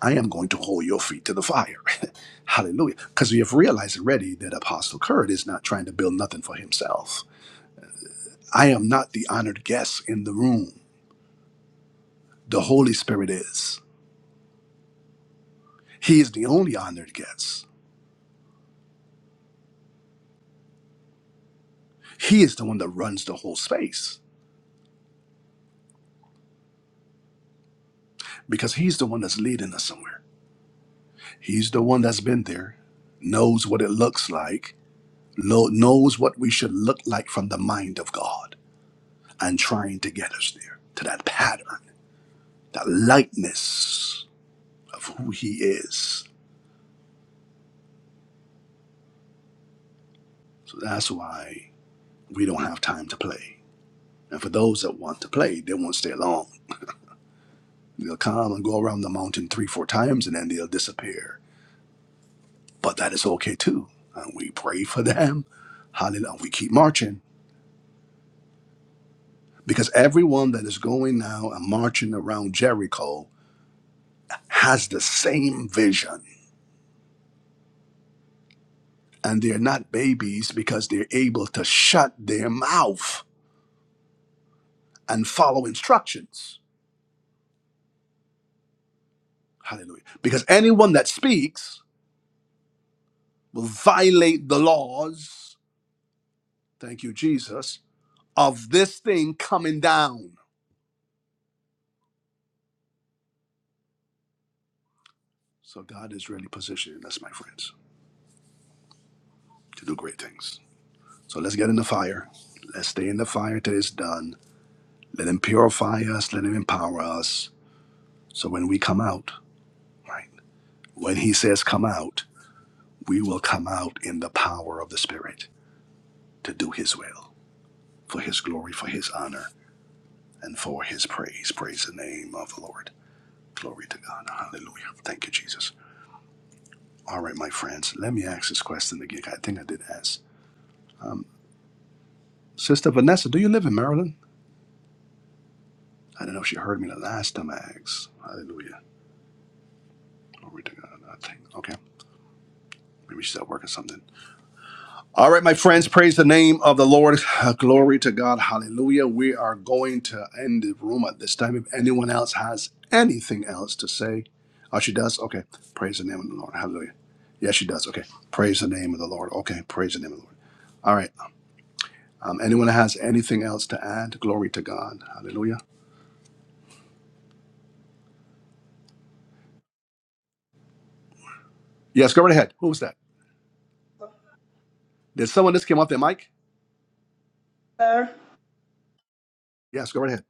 [SPEAKER 1] I am going to hold your feet to the fire. Hallelujah. Because we have realized already that Apostle Kurt is not trying to build nothing for himself. I am not the honored guest in the room. The Holy Spirit is. He is the only honored guest. He is the one that runs the whole space because he's the one that's leading us somewhere. He's the one that's been there, knows what it looks like, lo- knows what we should look like from the mind of God, and trying to get us there to that pattern, that likeness of who He is. So that's why we don't have time to play. And for those that want to play, they won't stay long. They'll come and go around the mountain three, four times, and then they'll disappear but that is okay too. And we pray for them. Hallelujah. We keep marching because everyone that is going now and marching around Jericho has the same vision. And they're not babies because they're able to shut their mouth and follow instructions. Hallelujah. Because anyone that speaks will violate the laws, thank you, Jesus, of this thing coming down. So God is really positioning us, my friends, to do great things. So let's get in the fire. Let's stay in the fire till it's done. Let him purify us. Let him empower us. So when we come out, right? When he says come out, we will come out in the power of the Spirit to do his will, for his glory, for his honor, and for his praise. Praise the name of the Lord. Glory to God. Hallelujah. Thank you, Jesus. All right, my friends, let me ask this question again. I think I did ask. Um, Sister Vanessa, do you live in Maryland? I don't know if she heard me the last time I asked. Hallelujah. No reading on that thing. Okay. Maybe she's at work or something. All right, my friends, praise the name of the Lord. Glory to God. Hallelujah. We are going to end the room at this time. If anyone else has anything else to say, oh, she does? Okay. Praise the name of the Lord. Hallelujah. Yeah, she does. Okay. Praise the name of the Lord. Okay. Praise the name of the Lord. All right. Um, anyone that has anything else to add? Glory to God. Hallelujah. Yes, go right ahead. Who was that? Did someone just came off their mic?
[SPEAKER 7] bye.
[SPEAKER 1] Yes, go right ahead.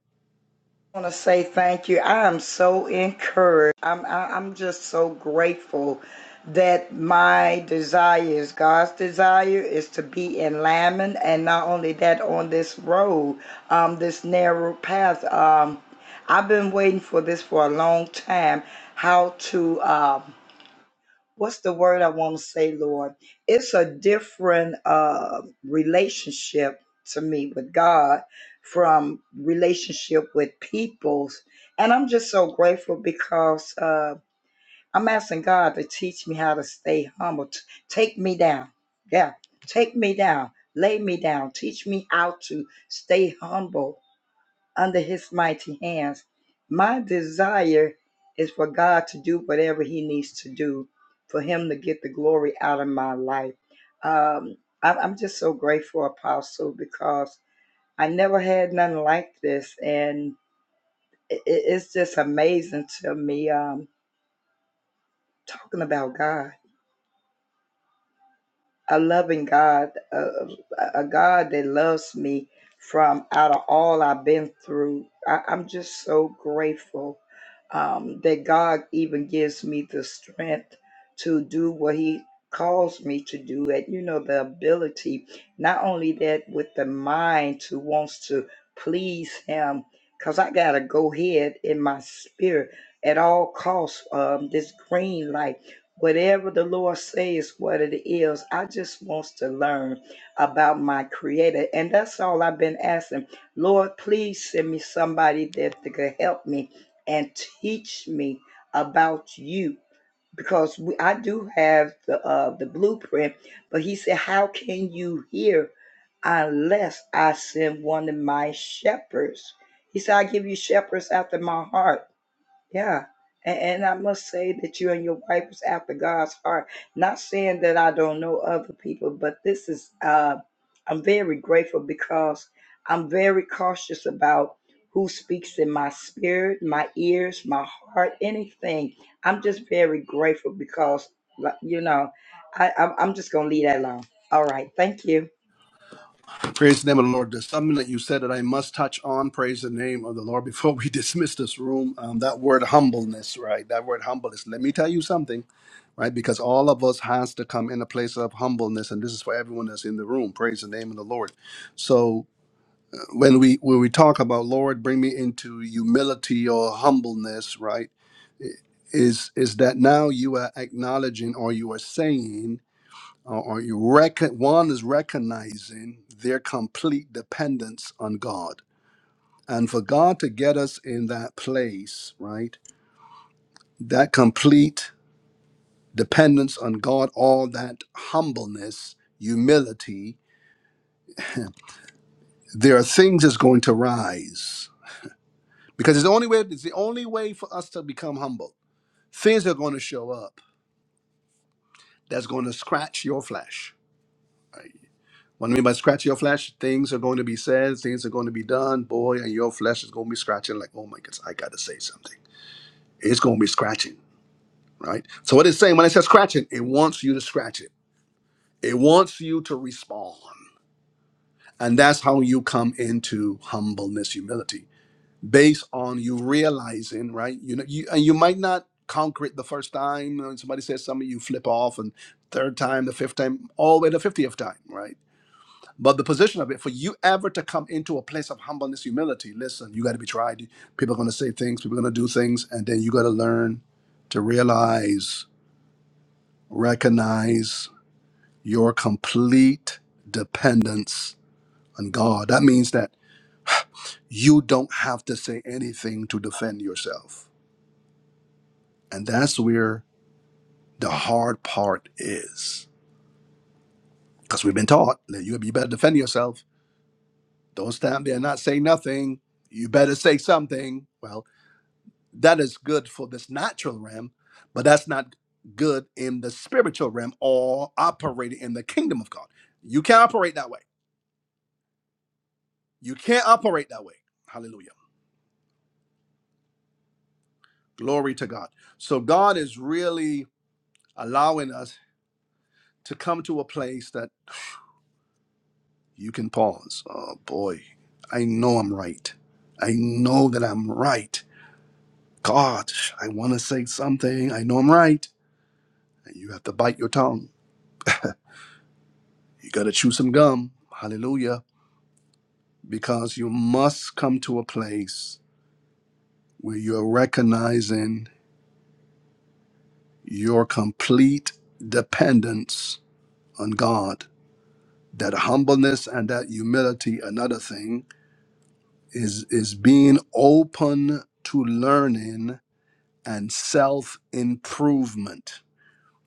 [SPEAKER 7] I want to say thank you. I am so encouraged. I'm I- am i am just so grateful that my desire is God's desire is to be in Lammon, and not only that, on this road, um, this narrow path. Um, I've been waiting for this for a long time. How to um what's the word I want to say, Lord? It's a different uh, relationship to me with God from relationship with peoples. And I'm just so grateful because uh, I'm asking God to teach me how to stay humble. T- take me down. Yeah, take me down. Lay me down. Teach me how to stay humble under his mighty hands. My desire is for God to do whatever he needs to do for him to get the glory out of my life. Um, I- I'm just so grateful, Apostle, because I never had nothing like this. And i i- it's just amazing to me um, talking about God. a loving God, a, a God that loves me from out of all I've been through. I, I'm just so grateful um, that God even gives me the strength to do what He calls me to do, and you know, the ability, not only that, with the mind to wants to please Him, because I got to go ahead in my spirit at all costs. Um, this green light whatever the Lord says, what it is. I just wants to learn about my Creator, and that's all I've been asking. Lord, please send me somebody that could help me and teach me about you, because we, I do have the uh, the blueprint. But He said, "How can you hear unless I send one of my shepherds?" He said, "I give you shepherds after my heart." Yeah. And, and I must say that you and your wife was after God's heart. Not saying that I don't know other people, but this is, uh, I'm very grateful because I'm very cautious about who speaks in my spirit, my ears, my heart, anything. I'm just very grateful because, like, you know, I, I'm I'm just going to leave that alone. All right. Thank you.
[SPEAKER 1] Praise the name of the Lord. There's something that you said that I must touch on. Praise the name of the Lord before we dismiss this room. Um, that word humbleness, right? That word humbleness. Let me tell you something, right? Because all of us has to come in a place of humbleness, and this is for everyone that's in the room. Praise the name of the Lord. So uh, when we when we talk about Lord, bring me into humility or humbleness, right? Is is that now you are acknowledging or you are saying or, or you reckon one is recognizing their complete dependence on God. And for God to get us in that place, right? That complete dependence on God, all that humbleness, humility, there are things that's going to rise. Because it's the only way, it's the only way for us to become humble. Things are going to show up that's going to scratch your flesh What I mean by scratch your flesh, things are going to be said, things are going to be done, boy, and your flesh is going to be scratching like, oh my goodness, I got to say something. It's going to be scratching, right? So what it's saying when it says scratching, it wants you to scratch it. It wants you to respond. And that's how you come into humbleness, humility, based on you realizing, right? You know, you, and you might not conquer it the first time. You know, When somebody says something, you flip off, and third time, the fifth time, all the way to 50th time, right? But the position of it, for you ever to come into a place of humbleness, humility, listen, you got to be tried. People are going to say things, people are going to do things, and then you got to learn to realize, recognize your complete dependence on God. That means that you don't have to say anything to defend yourself. And that's where the hard part is. Because we've been taught that you, you better defend yourself. Don't stand there and not say nothing. You better say something. Well, That is good for this natural realm, but that's not good in the spiritual realm or operating in the kingdom of God. You can't operate that way. You can't operate that way. Hallelujah. Glory to God. So God is really allowing us to come to a place that you can pause. Oh boy, I know I'm right. I know that I'm right. God, I want to say something. I know I'm right. And you have to bite your tongue. You got to chew some gum. Hallelujah because you must come to a place where you're recognizing your complete dependence on God. That humbleness and that humility, another thing, is, is being open to learning and self improvement,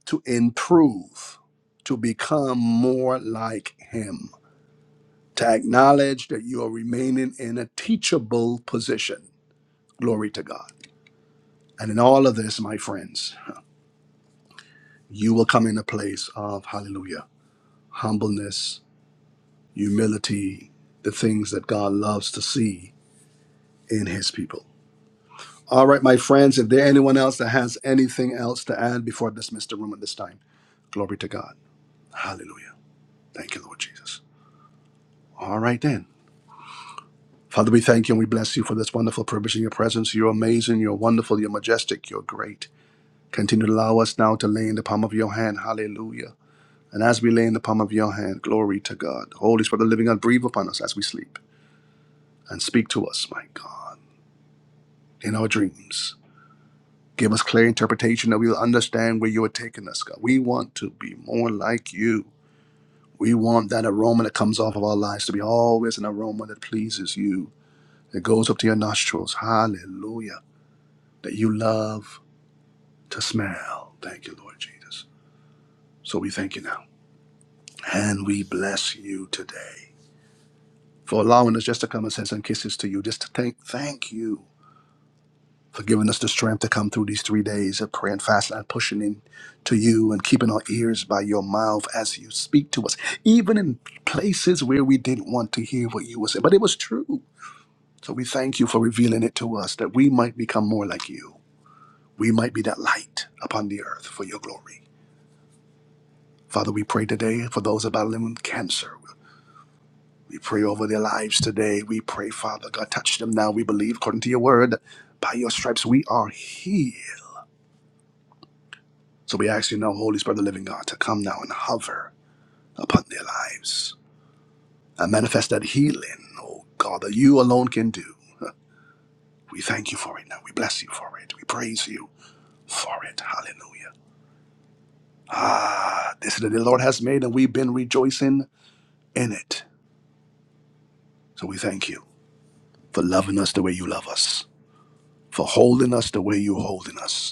[SPEAKER 1] to improve, to become more like Him, to acknowledge that you are remaining in a teachable position. Glory to God. And in all of this, my friends, you will come in a place of hallelujah, humbleness, humility, the things that God loves to see in his people. All right, my friends, if there anyone else that has anything else to add before I dismiss the room at this time, glory to God. Hallelujah. Thank you, Lord Jesus. All right, then. Father, we thank you and we bless you for this wonderful privilege in your presence. You're amazing, you're wonderful, you're majestic, you're great. Continue to allow us now to lay in the palm of your hand. Hallelujah And as we lay in the palm of your hand, glory to God. Holy Spirit, of the living God, breathe upon us as we sleep and speak to us, my God, in our dreams. Give us clear interpretation that we will understand where you are taking us, God. We want to be more like you. We want that aroma that comes off of our lives to be always an aroma that pleases you, that goes up to your nostrils. Hallelujah. That you love to smell. Thank you, Lord Jesus. So we thank you now. And we bless you today. for allowing us just to come and send some kisses to you. Just to thank thank you for giving us the strength to come through these three days of prayer and fasting and pushing in to you and keeping our ears by your mouth as you speak to us, even in places where we didn't want to hear what you were saying. But it was true. So we thank you for revealing it to us that we might become more like you. We might be that light upon the earth for your glory. Father, we pray today for those battling with cancer. We pray over their lives today. We pray, Father God, touch them now. We believe, according to your word, by your stripes we are healed. So we ask you now, Holy Spirit of the living God, to come now and hover upon their lives and manifest that healing, oh God, that you alone can do. We thank you for it now. We bless you for it. We praise you for it. Hallelujah. Ah, this is the day the Lord has made, and we've been rejoicing in it. So we thank you for loving us the way you love us, for holding us the way you're holding us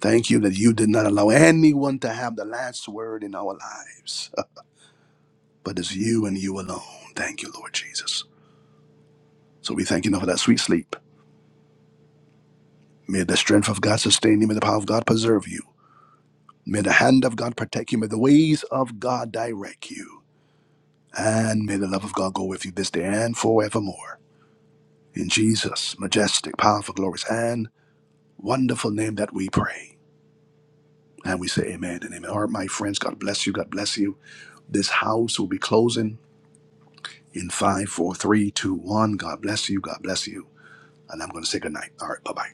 [SPEAKER 1] Thank you that you did not allow anyone to have the last word in our lives, uh, but it's you and you alone. Thank you, Lord Jesus. So we thank you now for that sweet sleep. May the strength of God sustain you. May the power of God preserve you. May the hand of God protect you. May the ways of God direct you. And may the love of God go with you this day and forevermore. In Jesus' majestic, powerful, glorious, and wonderful name that we pray. And we say amen and amen. All right, my friends, God bless you. God bless you. This house will be closing. in five, four, three, two, one. God bless you. God bless you. And I'm going to say good night. All right. Bye bye.